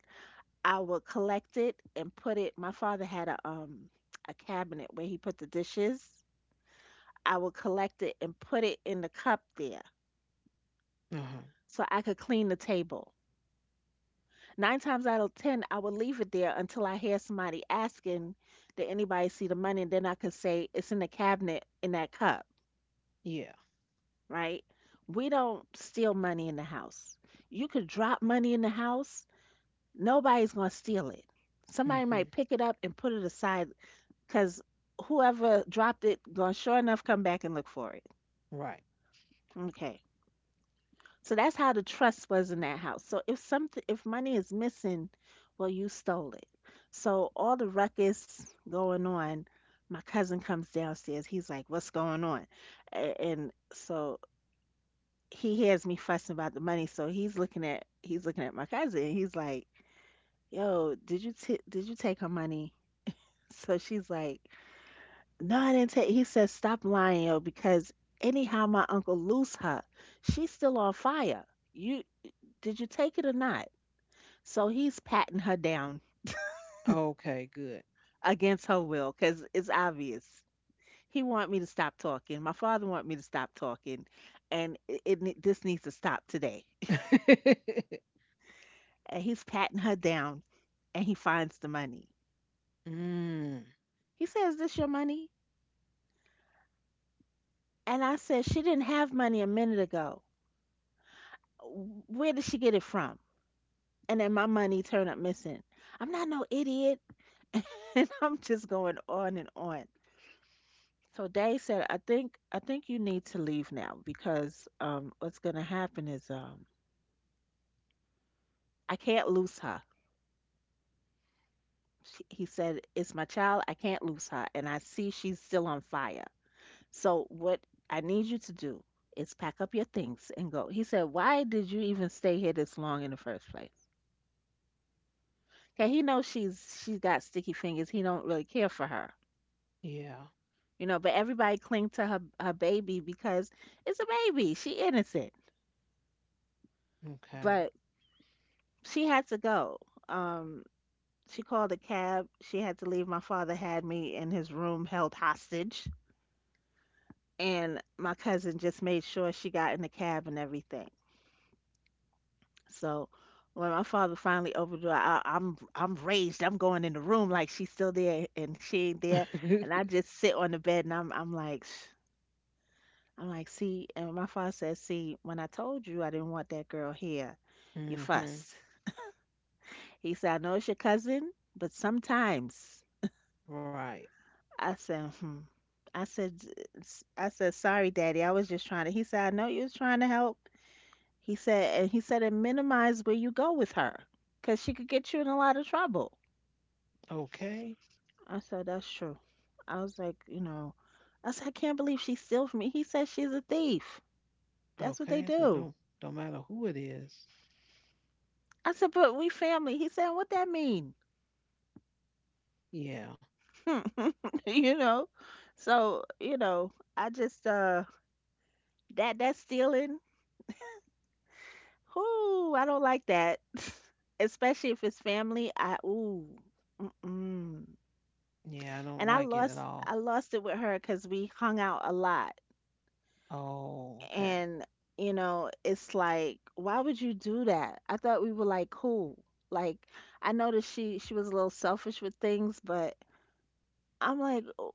[SPEAKER 2] I would collect it and put it. My father had a cabinet where he put the dishes. I would collect it and put it in the cup there
[SPEAKER 1] Uh-huh.
[SPEAKER 2] so I could clean the table. Nine times out of 10, I would leave it there until I hear somebody asking, did anybody see the money? And then I could say, it's in the cabinet in that cup,
[SPEAKER 1] Yeah.
[SPEAKER 2] right? We don't steal money in the house. You could drop money in the house, nobody's going to steal it. Somebody
[SPEAKER 1] Mm-hmm.
[SPEAKER 2] might pick it up and put it aside because whoever dropped it going to sure enough come back and look for it.
[SPEAKER 1] Right.
[SPEAKER 2] Okay. So that's how the trust was in that house. So if something, if money is missing, well, you stole it. So all the ruckus going on, my cousin comes downstairs. He's like, "What's going on?" And so he hears me fussing about the money. So he's looking at my cousin. And he's like, "Yo, did you take her money?" So she's like, "No, I didn't take." He says, "Stop lying, yo, because anyhow my uncle lose her. She's still on fire. You Did you take it or not?" So he's patting her down
[SPEAKER 1] Okay, good.
[SPEAKER 2] against her will because it's obvious. He want me to stop talking. My father want me to stop talking, and this needs to stop today. And he's patting her down, and he finds the money.
[SPEAKER 1] Mm,
[SPEAKER 2] He says, "This your money?" And I said, "She didn't have money a minute ago. Where did she get it from?" And then my money turned up missing. I'm not no idiot, and I'm just going on and on. So they said, I think you need to leave now because what's gonna happen is I can't lose her. He said, it's my child, I can't lose her, and I see she's still on fire. So what I need you to do is pack up your things and go. He said, why did you even stay here this long in the first place? Okay, he knows she's got sticky fingers. He don't really care for her.
[SPEAKER 1] yeah.
[SPEAKER 2] You know, but everybody cling to her baby because it's a baby. She innocent.
[SPEAKER 1] Okay.
[SPEAKER 2] But she had to go. Um She called a cab. She had to leave. My father had me in his room held hostage, and my cousin just made sure she got in the cab and everything. So when my father finally opened the door, I'm raged. I'm going in the room like she's still there and she ain't there, and I just sit on the bed and I'm like, I'm like, see. And my father says, see, when I told you I didn't want that girl here, you
[SPEAKER 1] Mm-hmm.
[SPEAKER 2] fussed. He said, I know it's your cousin, but sometimes.
[SPEAKER 1] Right.
[SPEAKER 2] I said, hmm. I said, " I said, sorry, Daddy. I was just trying to. He said, I know you was trying to help. And he said, and minimize where you go with her, 'cause she could get you in a lot of trouble.
[SPEAKER 1] Okay.
[SPEAKER 2] I said, that's true. I was like, you know, I said, I can't believe she steal from me. He said, she's a thief. That's what they
[SPEAKER 1] Okay. So
[SPEAKER 2] do.
[SPEAKER 1] don't matter who it is.
[SPEAKER 2] I said, but we family. He said, what that mean?
[SPEAKER 1] Yeah.
[SPEAKER 2] You know, so you know, I just that's stealing. Ooh, I don't like that. Especially if it's family. I, ooh. Mm-mm.
[SPEAKER 1] Yeah, I don't
[SPEAKER 2] And
[SPEAKER 1] like it at all.
[SPEAKER 2] I lost it with her because we hung out a lot.
[SPEAKER 1] Oh, okay.
[SPEAKER 2] And you know, it's like, why would you do that? I thought we were like cool. Like I noticed she was a little selfish with things, but I'm like, "Oh,"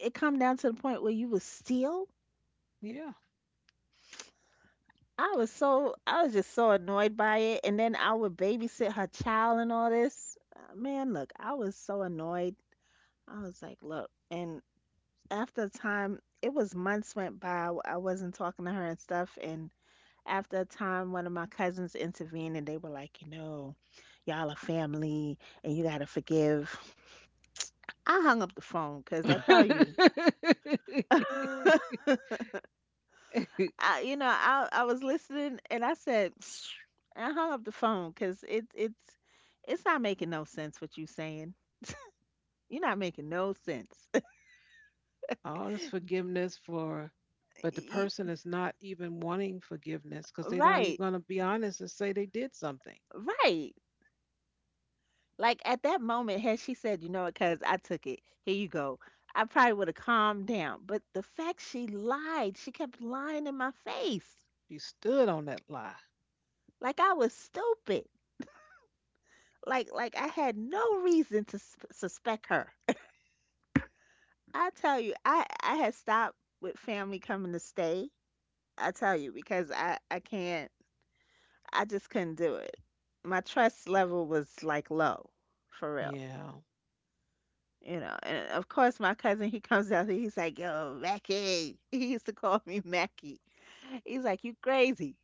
[SPEAKER 2] it come down to the point where you would steal.
[SPEAKER 1] Yeah.
[SPEAKER 2] I was just so annoyed by it, and then I would babysit her child and all this. Man, look, I was so annoyed. I was like, look. And after a time, it was months went by. I wasn't talking to her and stuff. And after a time, one of my cousins intervened, and they were like, you know, y'all are family and you got to forgive. I hung up the phone because I tell you, I, you know, I was listening and I said, and I hung up the phone because it's not making no sense what you saying. You're not making no sense.
[SPEAKER 1] All this forgiveness for, but the
[SPEAKER 2] Y-
[SPEAKER 1] person is not even wanting forgiveness because they're not even
[SPEAKER 2] Right,
[SPEAKER 1] going to be honest and say they did something.
[SPEAKER 2] right. Like at that moment, had she said, you know what, cuz I took it. Here you go. I probably would have calmed down. But the fact she lied, she kept lying in my face.
[SPEAKER 1] You stood on that lie.
[SPEAKER 2] Like I was stupid. Like I had no reason to suspect her. I tell you, I had stopped with family coming to stay. I tell you because I can't, I just couldn't do it. My trust level was like low, for real.
[SPEAKER 1] Yeah.
[SPEAKER 2] You know, and of course, my cousin, he comes out and he's like, yo, Mackie. He used to call me Mackie. He's like, you crazy.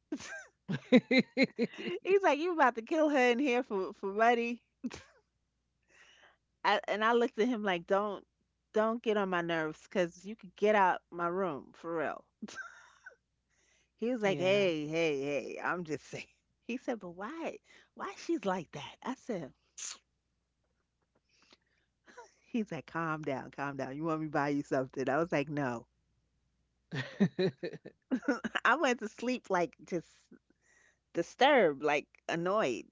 [SPEAKER 2] He's like, you about to kill her in here for money. And I looked at him like, don't get on my nerves, 'cause you could get out my room for real. He was like,
[SPEAKER 1] Yeah.
[SPEAKER 2] hey, hey, hey, I'm just saying. He said, but why? Why she's like that? I said, he's like, calm down, calm down. You want me to buy you something? I was like, no. I went to sleep like just disturbed, like annoyed.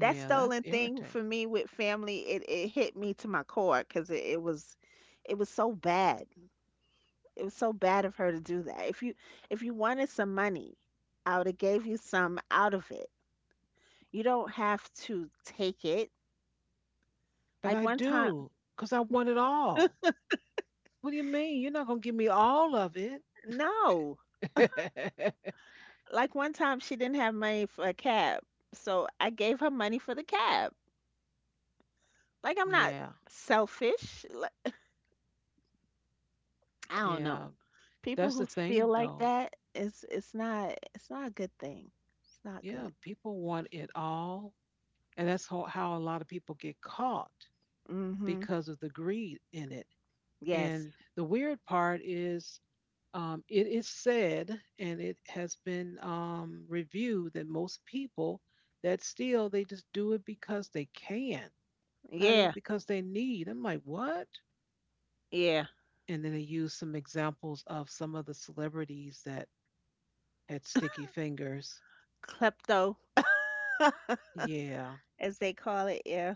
[SPEAKER 2] That
[SPEAKER 1] that's
[SPEAKER 2] stolen thing
[SPEAKER 1] irritating.
[SPEAKER 2] for me with family, it hit me to my core because it was, it was so bad. It was so bad of her to do that. If you wanted some money, I would have gave you some out of it. You don't have to take it.
[SPEAKER 1] But
[SPEAKER 2] Like
[SPEAKER 1] I
[SPEAKER 2] one time,
[SPEAKER 1] do because I want it all. What do you mean? You're not going to give me all of it.
[SPEAKER 2] no. Like one time she didn't have money for a cab. So I gave her money for the cab. Like I'm not
[SPEAKER 1] Yeah.
[SPEAKER 2] selfish. Like, I don't
[SPEAKER 1] Yeah.
[SPEAKER 2] know. People
[SPEAKER 1] That's the
[SPEAKER 2] who steal
[SPEAKER 1] thing,
[SPEAKER 2] like
[SPEAKER 1] though.
[SPEAKER 2] that, it's not a good thing. It's not good.
[SPEAKER 1] Yeah. People want it all. And that's how a lot of people get caught
[SPEAKER 2] Mhm.
[SPEAKER 1] because of the greed in it.
[SPEAKER 2] Yes.
[SPEAKER 1] And the weird part is, it is said and it has been reviewed that most people that steal, they just do it because they can, not even
[SPEAKER 2] Yeah.
[SPEAKER 1] because they need. I'm like, what?
[SPEAKER 2] Yeah.
[SPEAKER 1] And then they use some examples of some of the celebrities that had sticky fingers.
[SPEAKER 2] Klepto,
[SPEAKER 1] Yeah,
[SPEAKER 2] as they call it. Yeah.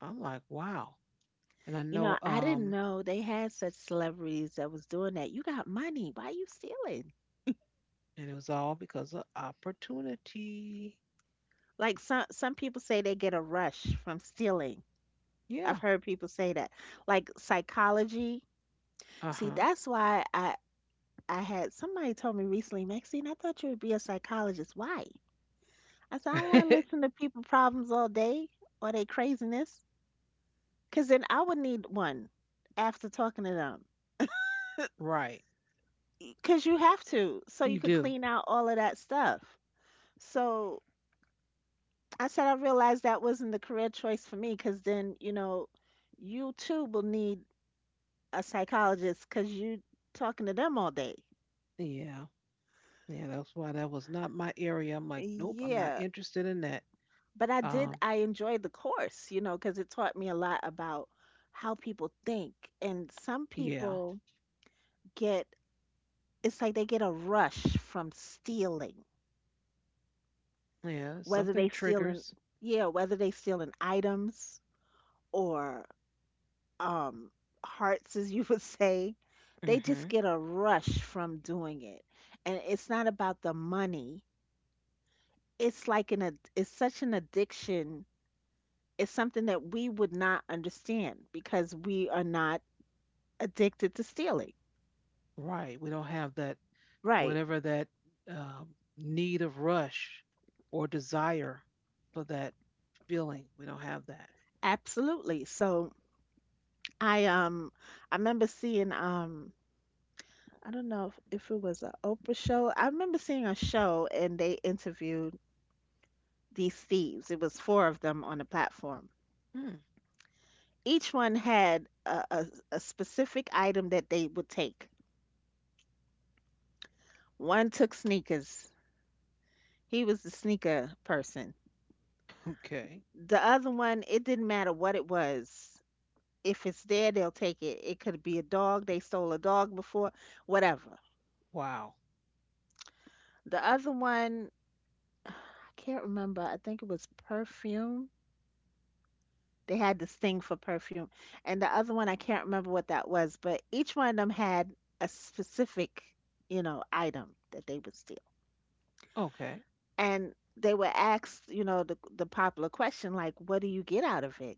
[SPEAKER 1] I'm like, wow. And I
[SPEAKER 2] You know,
[SPEAKER 1] know,
[SPEAKER 2] I didn't
[SPEAKER 1] um,
[SPEAKER 2] know they had such celebrities that was doing that. You got money. Why you stealing?
[SPEAKER 1] and it was all because of opportunity.
[SPEAKER 2] Like some people say they get a rush from stealing.
[SPEAKER 1] Yeah,
[SPEAKER 2] I've heard people say that. Like psychology. See,
[SPEAKER 1] uh
[SPEAKER 2] that's why I had somebody told me recently, Maxine, I thought you would be a psychologist. Why? I said, I don't
[SPEAKER 1] huh.
[SPEAKER 2] want to listen to people problems all day or they craziness. Because then I would need one after talking to them.
[SPEAKER 1] Right.
[SPEAKER 2] Because you have to, so you
[SPEAKER 1] You
[SPEAKER 2] could
[SPEAKER 1] do.
[SPEAKER 2] clean out all of that stuff. So I said, I realized that wasn't the career choice for me. Because then, you know, you too will need a psychologist because you talking to them all day.
[SPEAKER 1] Yeah. Yeah. That's why that was not my area. I'm like, nope, I'm not
[SPEAKER 2] Yeah.
[SPEAKER 1] interested in that.
[SPEAKER 2] But I did,
[SPEAKER 1] Um,
[SPEAKER 2] I enjoyed the course, you know, because it taught me a lot about how people think. And some
[SPEAKER 1] yeah.
[SPEAKER 2] people get, it's like they get a rush from stealing.
[SPEAKER 1] Yeah.
[SPEAKER 2] Whether they
[SPEAKER 1] Something
[SPEAKER 2] stealing,
[SPEAKER 1] triggers.
[SPEAKER 2] yeah, whether they stealing items or, um hearts, as you would say, they just
[SPEAKER 1] Hmm.
[SPEAKER 2] get a rush from doing it, and it's not about the money. It's like an it's such an addiction. It's something that we would not understand because we are not addicted to stealing.
[SPEAKER 1] Right. We don't have that,
[SPEAKER 2] Right,
[SPEAKER 1] whatever that need of rush or desire for that feeling. We don't have that.
[SPEAKER 2] absolutely. So I I remember seeing, I don't know if it was an Oprah show. I remember seeing a show, and they interviewed these thieves. It was four of them on the platform.
[SPEAKER 1] Mm.
[SPEAKER 2] Each one had a specific item that they would take. One took sneakers. He was the sneaker person.
[SPEAKER 1] Okay.
[SPEAKER 2] The other one, it didn't matter what it was. If it's there, they'll take it. It could be a dog. They stole a dog before, whatever.
[SPEAKER 1] Wow.
[SPEAKER 2] The other one, I can't remember. I think it was perfume. They had this thing for perfume. And the other one, I can't remember what that was, but each one of them had a specific, you know, item that they would steal.
[SPEAKER 1] Okay.
[SPEAKER 2] And they were asked, you know, the popular question, like, what do you get out of it?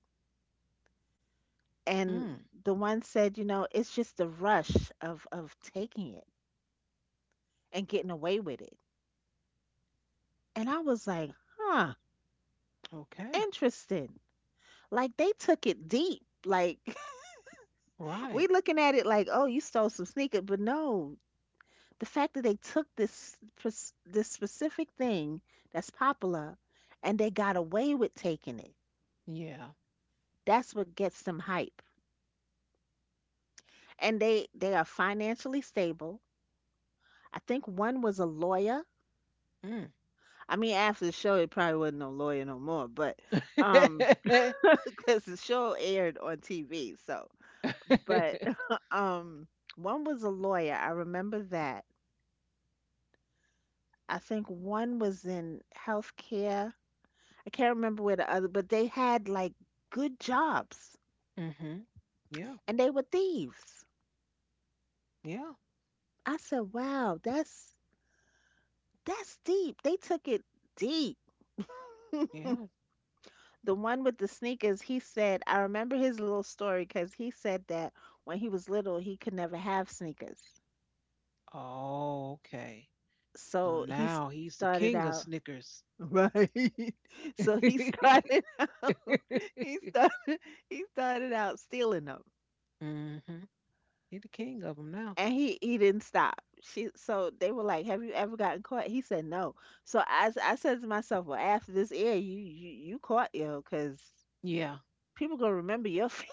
[SPEAKER 1] Mm.
[SPEAKER 2] And the one said, you know, it's just the rush of taking it and getting away with it. And I was like, huh,
[SPEAKER 1] Okay.
[SPEAKER 2] interesting. Like, they took it deep. Like, we
[SPEAKER 1] Right.
[SPEAKER 2] looking at it like, oh, you stole some sneakers, but no, the fact that they took this specific thing that's popular and they got away with taking it,
[SPEAKER 1] Yeah.
[SPEAKER 2] that's what gets them hype. And they are financially stable. I think one was a lawyer.
[SPEAKER 1] Mm.
[SPEAKER 2] I mean, after the show it probably wasn't no lawyer no more, but um because the show aired on TV. So but
[SPEAKER 1] Hmm.
[SPEAKER 2] um one was a lawyer, I remember that. I think one was in healthcare. I can't remember where the other, but they had like good jobs,
[SPEAKER 1] Mm-hmm. Yeah.
[SPEAKER 2] and they were thieves.
[SPEAKER 1] Yeah.
[SPEAKER 2] I said, "Wow, that's deep. They took it deep."
[SPEAKER 1] Yeah.
[SPEAKER 2] The one with the sneakers, he said, I remember his little story because he said that when he was little, he could never have sneakers.
[SPEAKER 1] Oh, okay. So
[SPEAKER 2] So he
[SPEAKER 1] now he's the
[SPEAKER 2] started
[SPEAKER 1] king of
[SPEAKER 2] out,
[SPEAKER 1] Snickers.
[SPEAKER 2] right? So he started he started, out stealing them.
[SPEAKER 1] Mm-hmm. He's the king of them now.
[SPEAKER 2] And he didn't stop. She so they were like, "Have you ever gotten caught?" He said, "No." So I said to myself, "Well, after this air, you caught 'cause
[SPEAKER 1] Yeah.
[SPEAKER 2] people gonna remember your face,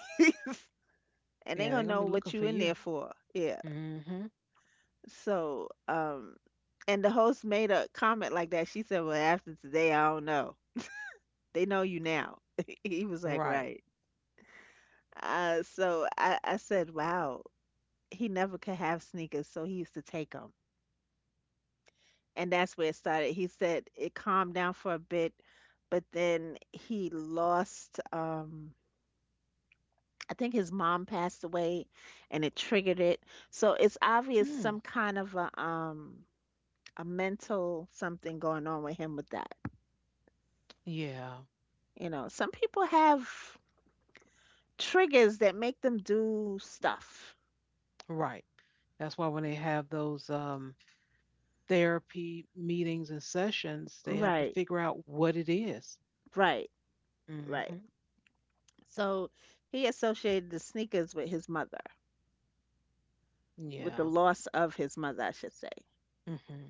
[SPEAKER 2] and they
[SPEAKER 1] Yeah, they're
[SPEAKER 2] gonna
[SPEAKER 1] gonna be
[SPEAKER 2] know
[SPEAKER 1] looking
[SPEAKER 2] what
[SPEAKER 1] for
[SPEAKER 2] you in
[SPEAKER 1] you.
[SPEAKER 2] there for." Yeah.
[SPEAKER 1] Mm-hmm.
[SPEAKER 2] So, and the host made a comment like that. She said, "Well, after today, I don't know. They know you now." He was like,
[SPEAKER 1] Right.
[SPEAKER 2] "Right." So I said, "Wow." He never could have sneakers, so he used to take them. And that's where it started. He said it calmed down for a bit, but then he lost. I think his mom passed away, and it triggered it. So it's obvious
[SPEAKER 1] Mm.
[SPEAKER 2] some kind of a mental something going on with him with that.
[SPEAKER 1] Yeah.
[SPEAKER 2] Some people have triggers that make them do stuff.
[SPEAKER 1] Right. That's why when they have those therapy meetings and sessions, they have to
[SPEAKER 2] Right,
[SPEAKER 1] figure out what it is.
[SPEAKER 2] right, right.
[SPEAKER 1] Mm-hmm.
[SPEAKER 2] So he associated the sneakers with his mother, with the
[SPEAKER 1] Yeah.
[SPEAKER 2] loss of his mother, I should say.
[SPEAKER 1] Mm-hmm.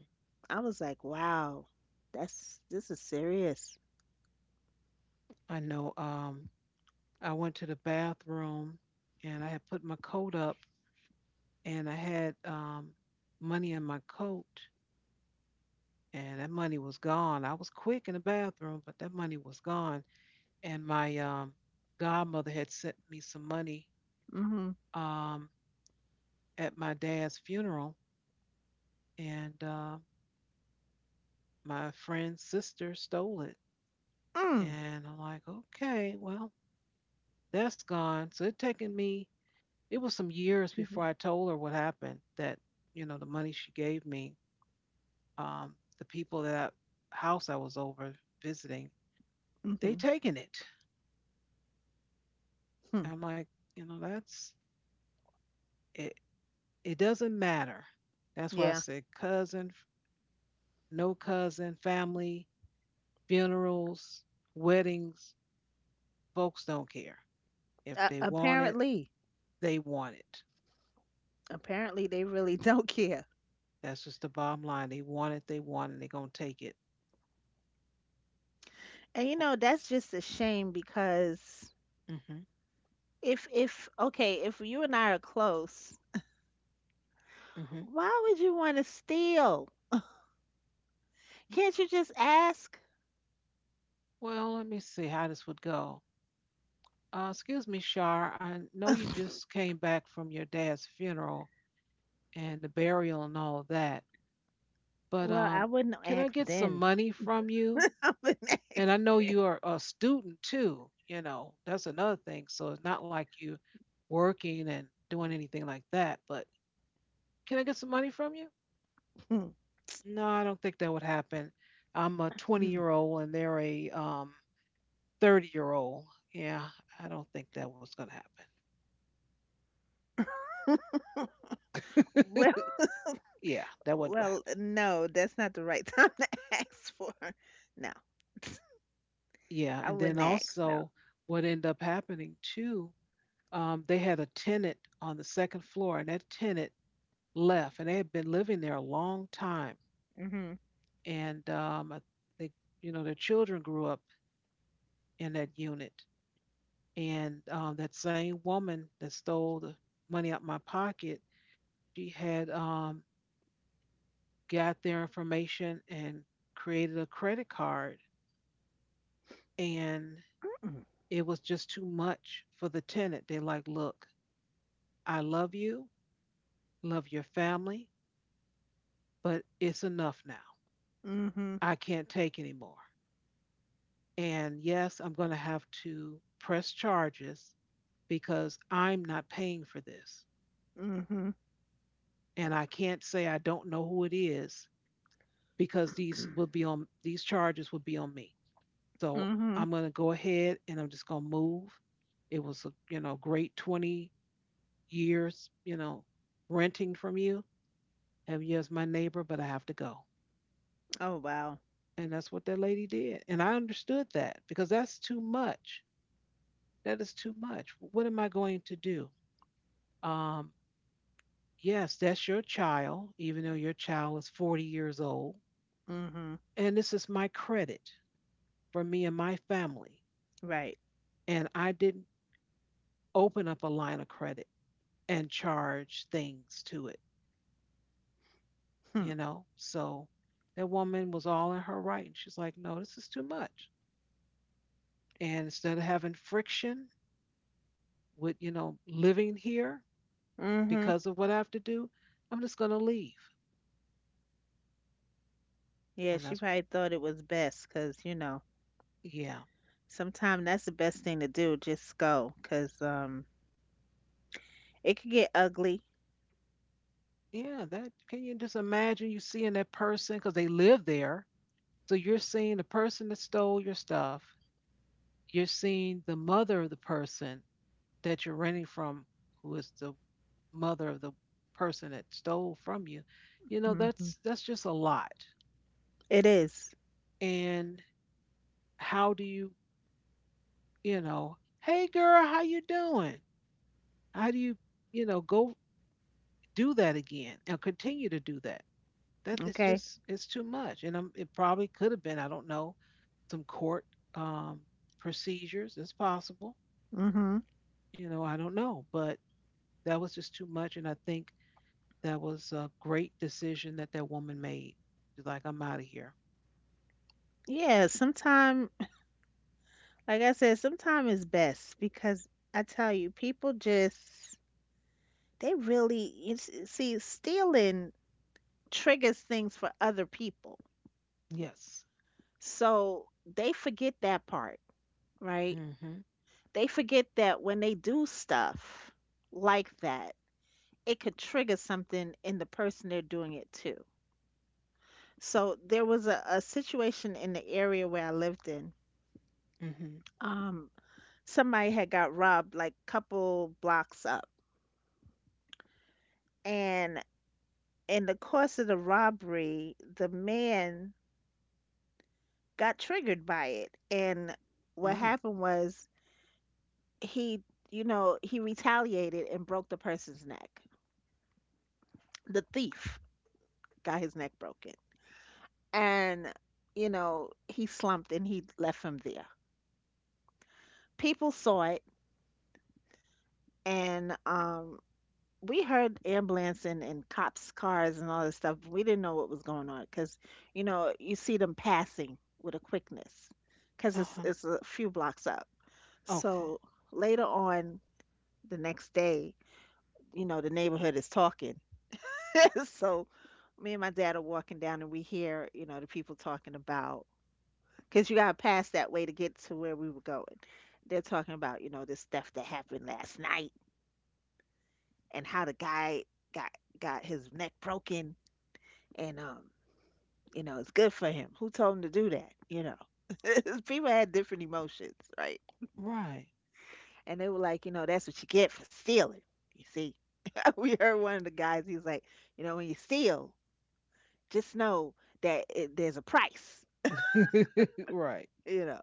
[SPEAKER 2] I was like, wow, that's this is serious.
[SPEAKER 1] I know. I went to the bathroom and I had put my coat up and I had money in my coat, and that money was gone. I was quick in the bathroom, but that money was gone. And my godmother had sent me some money
[SPEAKER 2] Mm-hmm.
[SPEAKER 1] um, at my dad's funeral, and my friend's sister stole it.
[SPEAKER 2] Mm.
[SPEAKER 1] And I'm like, okay, well, that's gone. So it taken me. It was some years
[SPEAKER 2] Excuse
[SPEAKER 1] before
[SPEAKER 2] me.
[SPEAKER 1] I told her what happened. That you know, the money she gave me, the people that I, house I was over visiting they
[SPEAKER 2] Mm-hmm.
[SPEAKER 1] taking it.
[SPEAKER 2] Hmm.
[SPEAKER 1] I'm like, you know, that's it. It doesn't matter. That's why I
[SPEAKER 2] Yeah.
[SPEAKER 1] said cousin, no cousin, family, funerals, weddings. Folks don't care. If they want it,
[SPEAKER 2] Apparently,
[SPEAKER 1] they want it.
[SPEAKER 2] they really don't care.
[SPEAKER 1] That's just the bottom line. They want it. They want it. They're gonna take it.
[SPEAKER 2] And you know, that's just a shame because
[SPEAKER 1] Hmm.
[SPEAKER 2] if okay, if you and I are close,
[SPEAKER 1] Hmm.
[SPEAKER 2] why would you want to steal? Can't you just ask?
[SPEAKER 1] Well, let me see how this would go. Excuse me, Shar. I know you just came back from your dad's funeral and the burial and all of that. but
[SPEAKER 2] Well, I
[SPEAKER 1] um,
[SPEAKER 2] wouldn't
[SPEAKER 1] can I
[SPEAKER 2] ask
[SPEAKER 1] get some
[SPEAKER 2] then.
[SPEAKER 1] money from you?
[SPEAKER 2] I wouldn't
[SPEAKER 1] And
[SPEAKER 2] ask.
[SPEAKER 1] I know you are a student too, you know, that's another thing. So it's not like you working and doing anything like that, but can I get some money from you? No, I don't think that would happen. I'm a 20
[SPEAKER 2] Hmm.
[SPEAKER 1] year old and they're a 30-year-old. Yeah, I don't think that was going to happen.
[SPEAKER 2] Mm. well,
[SPEAKER 1] Yeah, that wasn't going to
[SPEAKER 2] Well,
[SPEAKER 1] happen.
[SPEAKER 2] no, that's not the right time to ask for. No,
[SPEAKER 1] Yeah,
[SPEAKER 2] I
[SPEAKER 1] and then
[SPEAKER 2] wouldn't ask. No.
[SPEAKER 1] also what ended up happening too they had a tenant on the second floor, and that tenant left and they had been living there a long time.
[SPEAKER 2] Mhm.
[SPEAKER 1] And I think, you know, their children grew up in that unit. And that same woman that stole the money out my pocket, she had got their information and created a credit card. And it was just too much for the tenant. They like, look, I love you, love your family, but it's enough now.
[SPEAKER 2] Mhm.
[SPEAKER 1] I can't take anymore. And yes, I'm going to have to press charges because I'm not paying for this.
[SPEAKER 2] Mhm.
[SPEAKER 1] And I can't say I don't know who it is because these will be on these charges will be on me. So
[SPEAKER 2] Mhm.
[SPEAKER 1] I'm going to go ahead and I'm just going to move. It was a, you know, great 20 years, you know, renting from you, having you as my neighbor, but I have to go.
[SPEAKER 2] Oh wow.
[SPEAKER 1] And that's what that lady did. And I understood that because that's too much. That is too much. What am I going to do? Um, Yes, that's your child, even though your child is 40 years old.
[SPEAKER 2] Mhm.
[SPEAKER 1] And this is my credit for me and my family.
[SPEAKER 2] Right.
[SPEAKER 1] And I didn't open up a line of credit and charge things to it,
[SPEAKER 2] Hmm.
[SPEAKER 1] you know? So that woman was all in her right. And she's like, no, this is too much. And instead of having friction with, you know, living here
[SPEAKER 2] Mhm.
[SPEAKER 1] because of what I have to do, I'm just going to leave.
[SPEAKER 2] Yeah,
[SPEAKER 1] And
[SPEAKER 2] she
[SPEAKER 1] that's,
[SPEAKER 2] probably thought it was best because
[SPEAKER 1] yeah.
[SPEAKER 2] sometimes that's the best thing to do. Just go because it could get ugly.
[SPEAKER 1] Yeah, that can you just imagine you seeing that person because they live there. So you're seeing the person that stole your stuff. You're seeing the mother of the person that you're renting from, who is the mother of the person that stole from you. You know,
[SPEAKER 2] Mhm.
[SPEAKER 1] that's just a lot.
[SPEAKER 2] It is.
[SPEAKER 1] And how do you, you know, hey girl, how you doing? How do you, you know, go do that again and continue to do that? That it's
[SPEAKER 2] Okay.
[SPEAKER 1] just it's too much. And it probably could have been, I don't know, some court um, procedures. It's possible
[SPEAKER 2] Mhm.
[SPEAKER 1] you know I don't know but That was just too much. And I think that was a great decision that woman made. She's like, I'm out of here.
[SPEAKER 2] Yeah. Sometime, like I said, sometime is best because I tell you, people just they really see stealing triggers things for other people,
[SPEAKER 1] Yes.
[SPEAKER 2] so they forget that part. Right.
[SPEAKER 1] Mm hmm.
[SPEAKER 2] They forget that when they do stuff like that, it could trigger something in the person they're doing it to. So there was a situation in the area where I lived in.
[SPEAKER 1] Mm hmm.
[SPEAKER 2] um somebody had got robbed like couple blocks up, and in the course of the robbery the man got triggered by it. And what
[SPEAKER 1] Mm.
[SPEAKER 2] happened was he, he retaliated and broke the person's neck. The thief got his neck broken. And, he slumped and he left him there. People saw it and we heard ambulance and cops cars and all this stuff. But we didn't know what was going on because, you see them passing with a quickness because
[SPEAKER 1] Uh
[SPEAKER 2] it's,
[SPEAKER 1] huh.
[SPEAKER 2] it's a few blocks up.
[SPEAKER 1] Okay.
[SPEAKER 2] So later on the next day, the neighborhood is talking. So me and my dad are walking down and we hear, the people talking about, because you got to pass that way to get to where we were going. They're talking about, this theft that happened last night and how the guy got his neck broken. And it's good for him. Who told him to do that? People had different emotions, right?
[SPEAKER 1] Right.
[SPEAKER 2] And they were like, that's what you get for stealing. You see, we heard one of the guys, he was like, when you steal, just know that there's a price,
[SPEAKER 1] Right.
[SPEAKER 2] you know.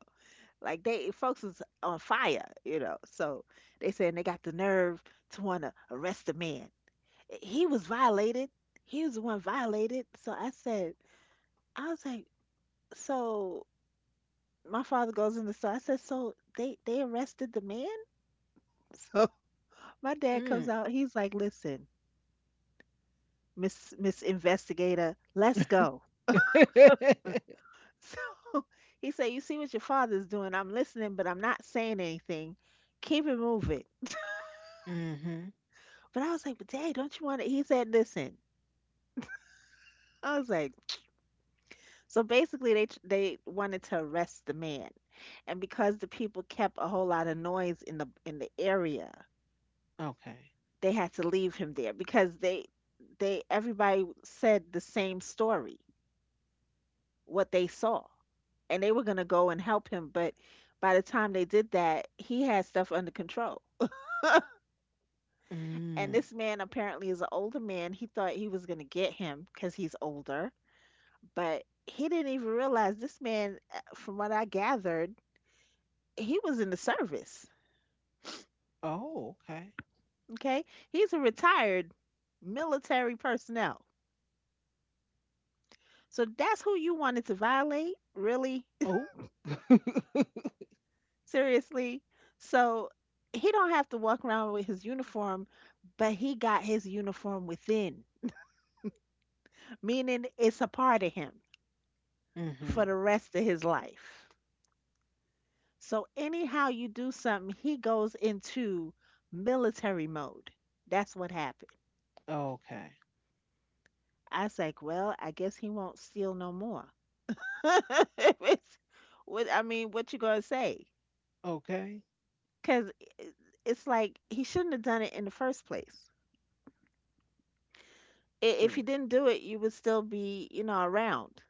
[SPEAKER 2] Like they folks is on fire. So they saying they got the nerve to want to arrest a man. He was violated. He was the one violated. So I said, I was like, so my father goes in the store. I said, so they arrested the man. So my dad
[SPEAKER 1] Mm.
[SPEAKER 2] comes out. He's like, "Listen, Miss Investigator, let's go." So he said, "You see what your father's doing. I'm listening, but I'm not saying anything. Keep it moving."
[SPEAKER 1] Mm-hmm.
[SPEAKER 2] But I was like, "But Dad, don't you want to?" He said, "Listen." I was like, So basically, they wanted to arrest the man. And because the people kept a whole lot of noise in the area,
[SPEAKER 1] Okay.
[SPEAKER 2] they had to leave him there because everybody said the same story, what they saw. And they were going to go and help him. But by the time they did that, he had stuff under control. And
[SPEAKER 1] Mm.
[SPEAKER 2] this man apparently is an older man. He thought he was going to get him because he's older, but he didn't even realize this man, from what I gathered, he was in the service.
[SPEAKER 1] Oh, okay.
[SPEAKER 2] Okay. He's a retired military personnel. So that's who you wanted to violate? Really?
[SPEAKER 1] Oh.
[SPEAKER 2] Seriously? So he don't have to walk around with his uniform, but he got his uniform within, meaning it's a part of him
[SPEAKER 1] Mm-hmm.
[SPEAKER 2] for the rest of his life. So anyhow you do something, he goes into military mode. That's what happened.
[SPEAKER 1] Okay.
[SPEAKER 2] I was like, well, I guess he won't steal no more. It's- what I mean, what you gonna say?
[SPEAKER 1] Okay.
[SPEAKER 2] Because it's like he shouldn't have done it in the first place. If he
[SPEAKER 1] True.
[SPEAKER 2] didn't do it, you would still be, you know, around.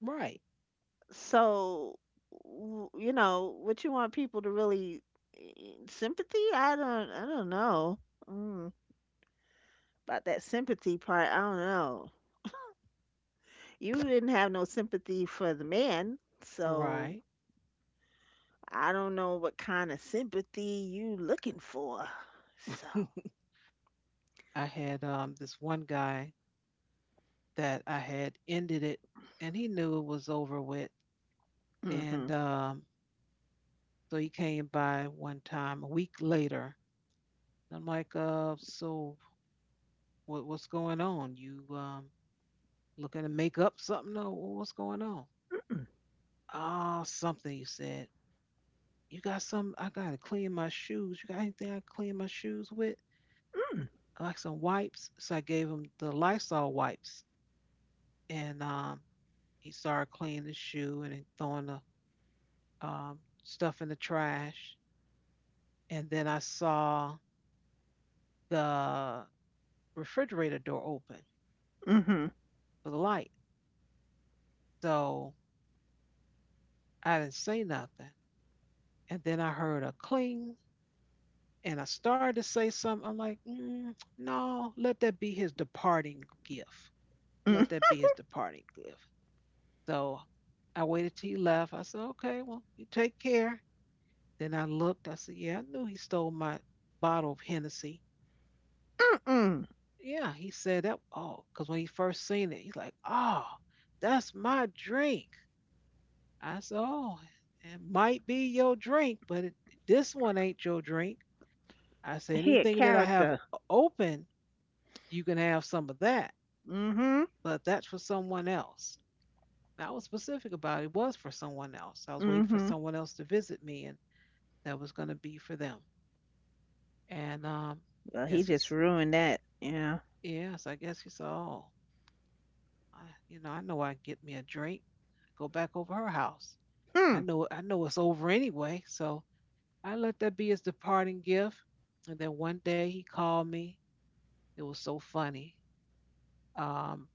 [SPEAKER 1] Right.
[SPEAKER 2] So, you know, what you want people to really sympathy? I don't know. Mm, about that sympathy part, I don't know. You didn't have no sympathy for the man, so
[SPEAKER 1] Right.
[SPEAKER 2] I don't know what kind of sympathy you looking for. So,
[SPEAKER 1] I had this one guy that I had ended it, and he knew it was over with.
[SPEAKER 2] mm-hmm,
[SPEAKER 1] And so he came by one time a week later. And I'm like, so what's going on? You, looking to make up something? Or what's going on? Oh, something he said. You got some? I gotta clean my shoes. You got anything I can clean my shoes with? Like some wipes. So I gave him the Lysol wipes, and he started cleaning his shoe and then throwing the stuff in the trash. And then I saw the refrigerator door open
[SPEAKER 2] mm-hmm,
[SPEAKER 1] for the light. So I didn't say nothing. And then I heard a cling and I started to say something. I'm like, mm, no, let that be his departing gift. Let that be his departing gift. So I waited till he left. I said, okay, well, you take care. Then I looked. I said, yeah, I knew he stole my bottle of Hennessy.
[SPEAKER 2] mm-hmm.
[SPEAKER 1] Yeah, he said that. Oh, because when he first seen it, he's like, oh, that's my drink. I said, oh, it might be your drink, but this one ain't your drink. I said,
[SPEAKER 2] He had
[SPEAKER 1] anything that I have
[SPEAKER 2] character.
[SPEAKER 1] open, you can have some of that,
[SPEAKER 2] Mm-hmm,
[SPEAKER 1] but that's for someone else. And I was specific about it, it was for someone else. I was waiting for
[SPEAKER 2] mm-hmm.
[SPEAKER 1] someone else to visit me, and that was going to be for them. And
[SPEAKER 2] Well,
[SPEAKER 1] yes,
[SPEAKER 2] he just ruined that. Yeah.
[SPEAKER 1] yes, I guess he said, oh, I, you know I can get me a drink. Go back over her house.
[SPEAKER 2] Hmm.
[SPEAKER 1] I know it's over anyway, so I let that be his departing gift. And then one day he called me. It was so funny. Um,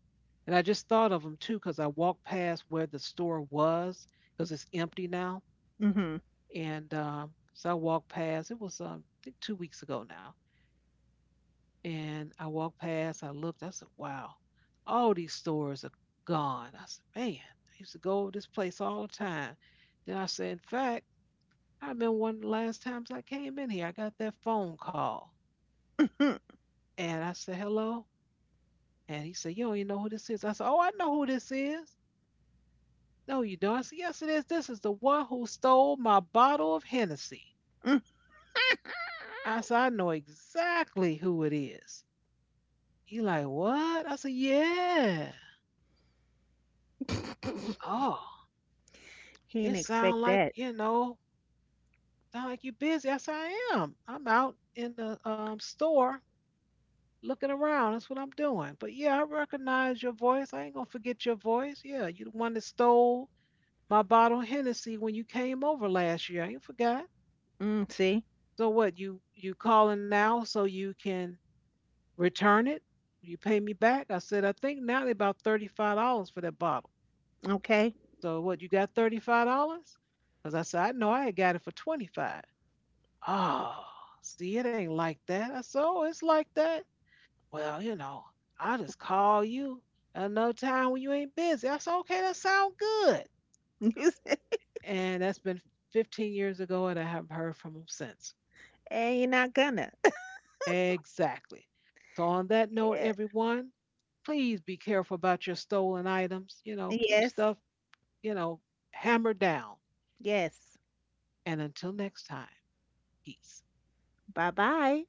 [SPEAKER 1] and I just thought of him too because I walked past where the store was because it's empty now.
[SPEAKER 2] Mm-hmm.
[SPEAKER 1] And so I walked past. It was I think 2 weeks ago now. And I walked past. I looked. I said, "Wow, all these stores are gone." I said, "Man, I used to go over this place all the time." Then I said, "In fact, I remember one of the last times I came in here. I got that phone call."
[SPEAKER 2] Mm-hmm. Mm.
[SPEAKER 1] And I said, hello. And he said, you don't even know who this is. I said, oh, I know who this is. No, you don't. I said, yes, it is. This is the one who stole my bottle of Hennessy. I said, I know exactly who it is. He like, what? I said, yeah. Oh,
[SPEAKER 2] He didn't
[SPEAKER 1] it sound
[SPEAKER 2] expect
[SPEAKER 1] like,
[SPEAKER 2] that.
[SPEAKER 1] you know, sound like you busy. I said, I am. I'm out in the store looking around. That's what I'm doing. But yeah, I recognize your voice. I ain't gonna forget your voice. Yeah, you the one that stole my bottle of Hennessy when you came over last year. I ain't forgot.
[SPEAKER 2] Mm, see?
[SPEAKER 1] So what? You calling now so you can return it? You pay me back?" I said, "I think now they about $35 for that bottle.
[SPEAKER 2] Okay.
[SPEAKER 1] So what? You got $35?" Because I said, "I know I had got it for 25. Oh, see, it ain't like that. I said, "Oh, it's like that. Well, you know, I'll just call you another time when you ain't busy." I said, "Okay, that sound good."
[SPEAKER 2] And
[SPEAKER 1] And that's been 15 years ago, and I haven't heard from him since.
[SPEAKER 2] you're not gonna.
[SPEAKER 1] Exactly. So, on that note,
[SPEAKER 2] Yeah.
[SPEAKER 1] everyone, please be careful about your stolen items. You know, keep
[SPEAKER 2] Yes.
[SPEAKER 1] stuff, you know, hammered down.
[SPEAKER 2] Yes.
[SPEAKER 1] And until next time, peace.
[SPEAKER 2] Bye bye.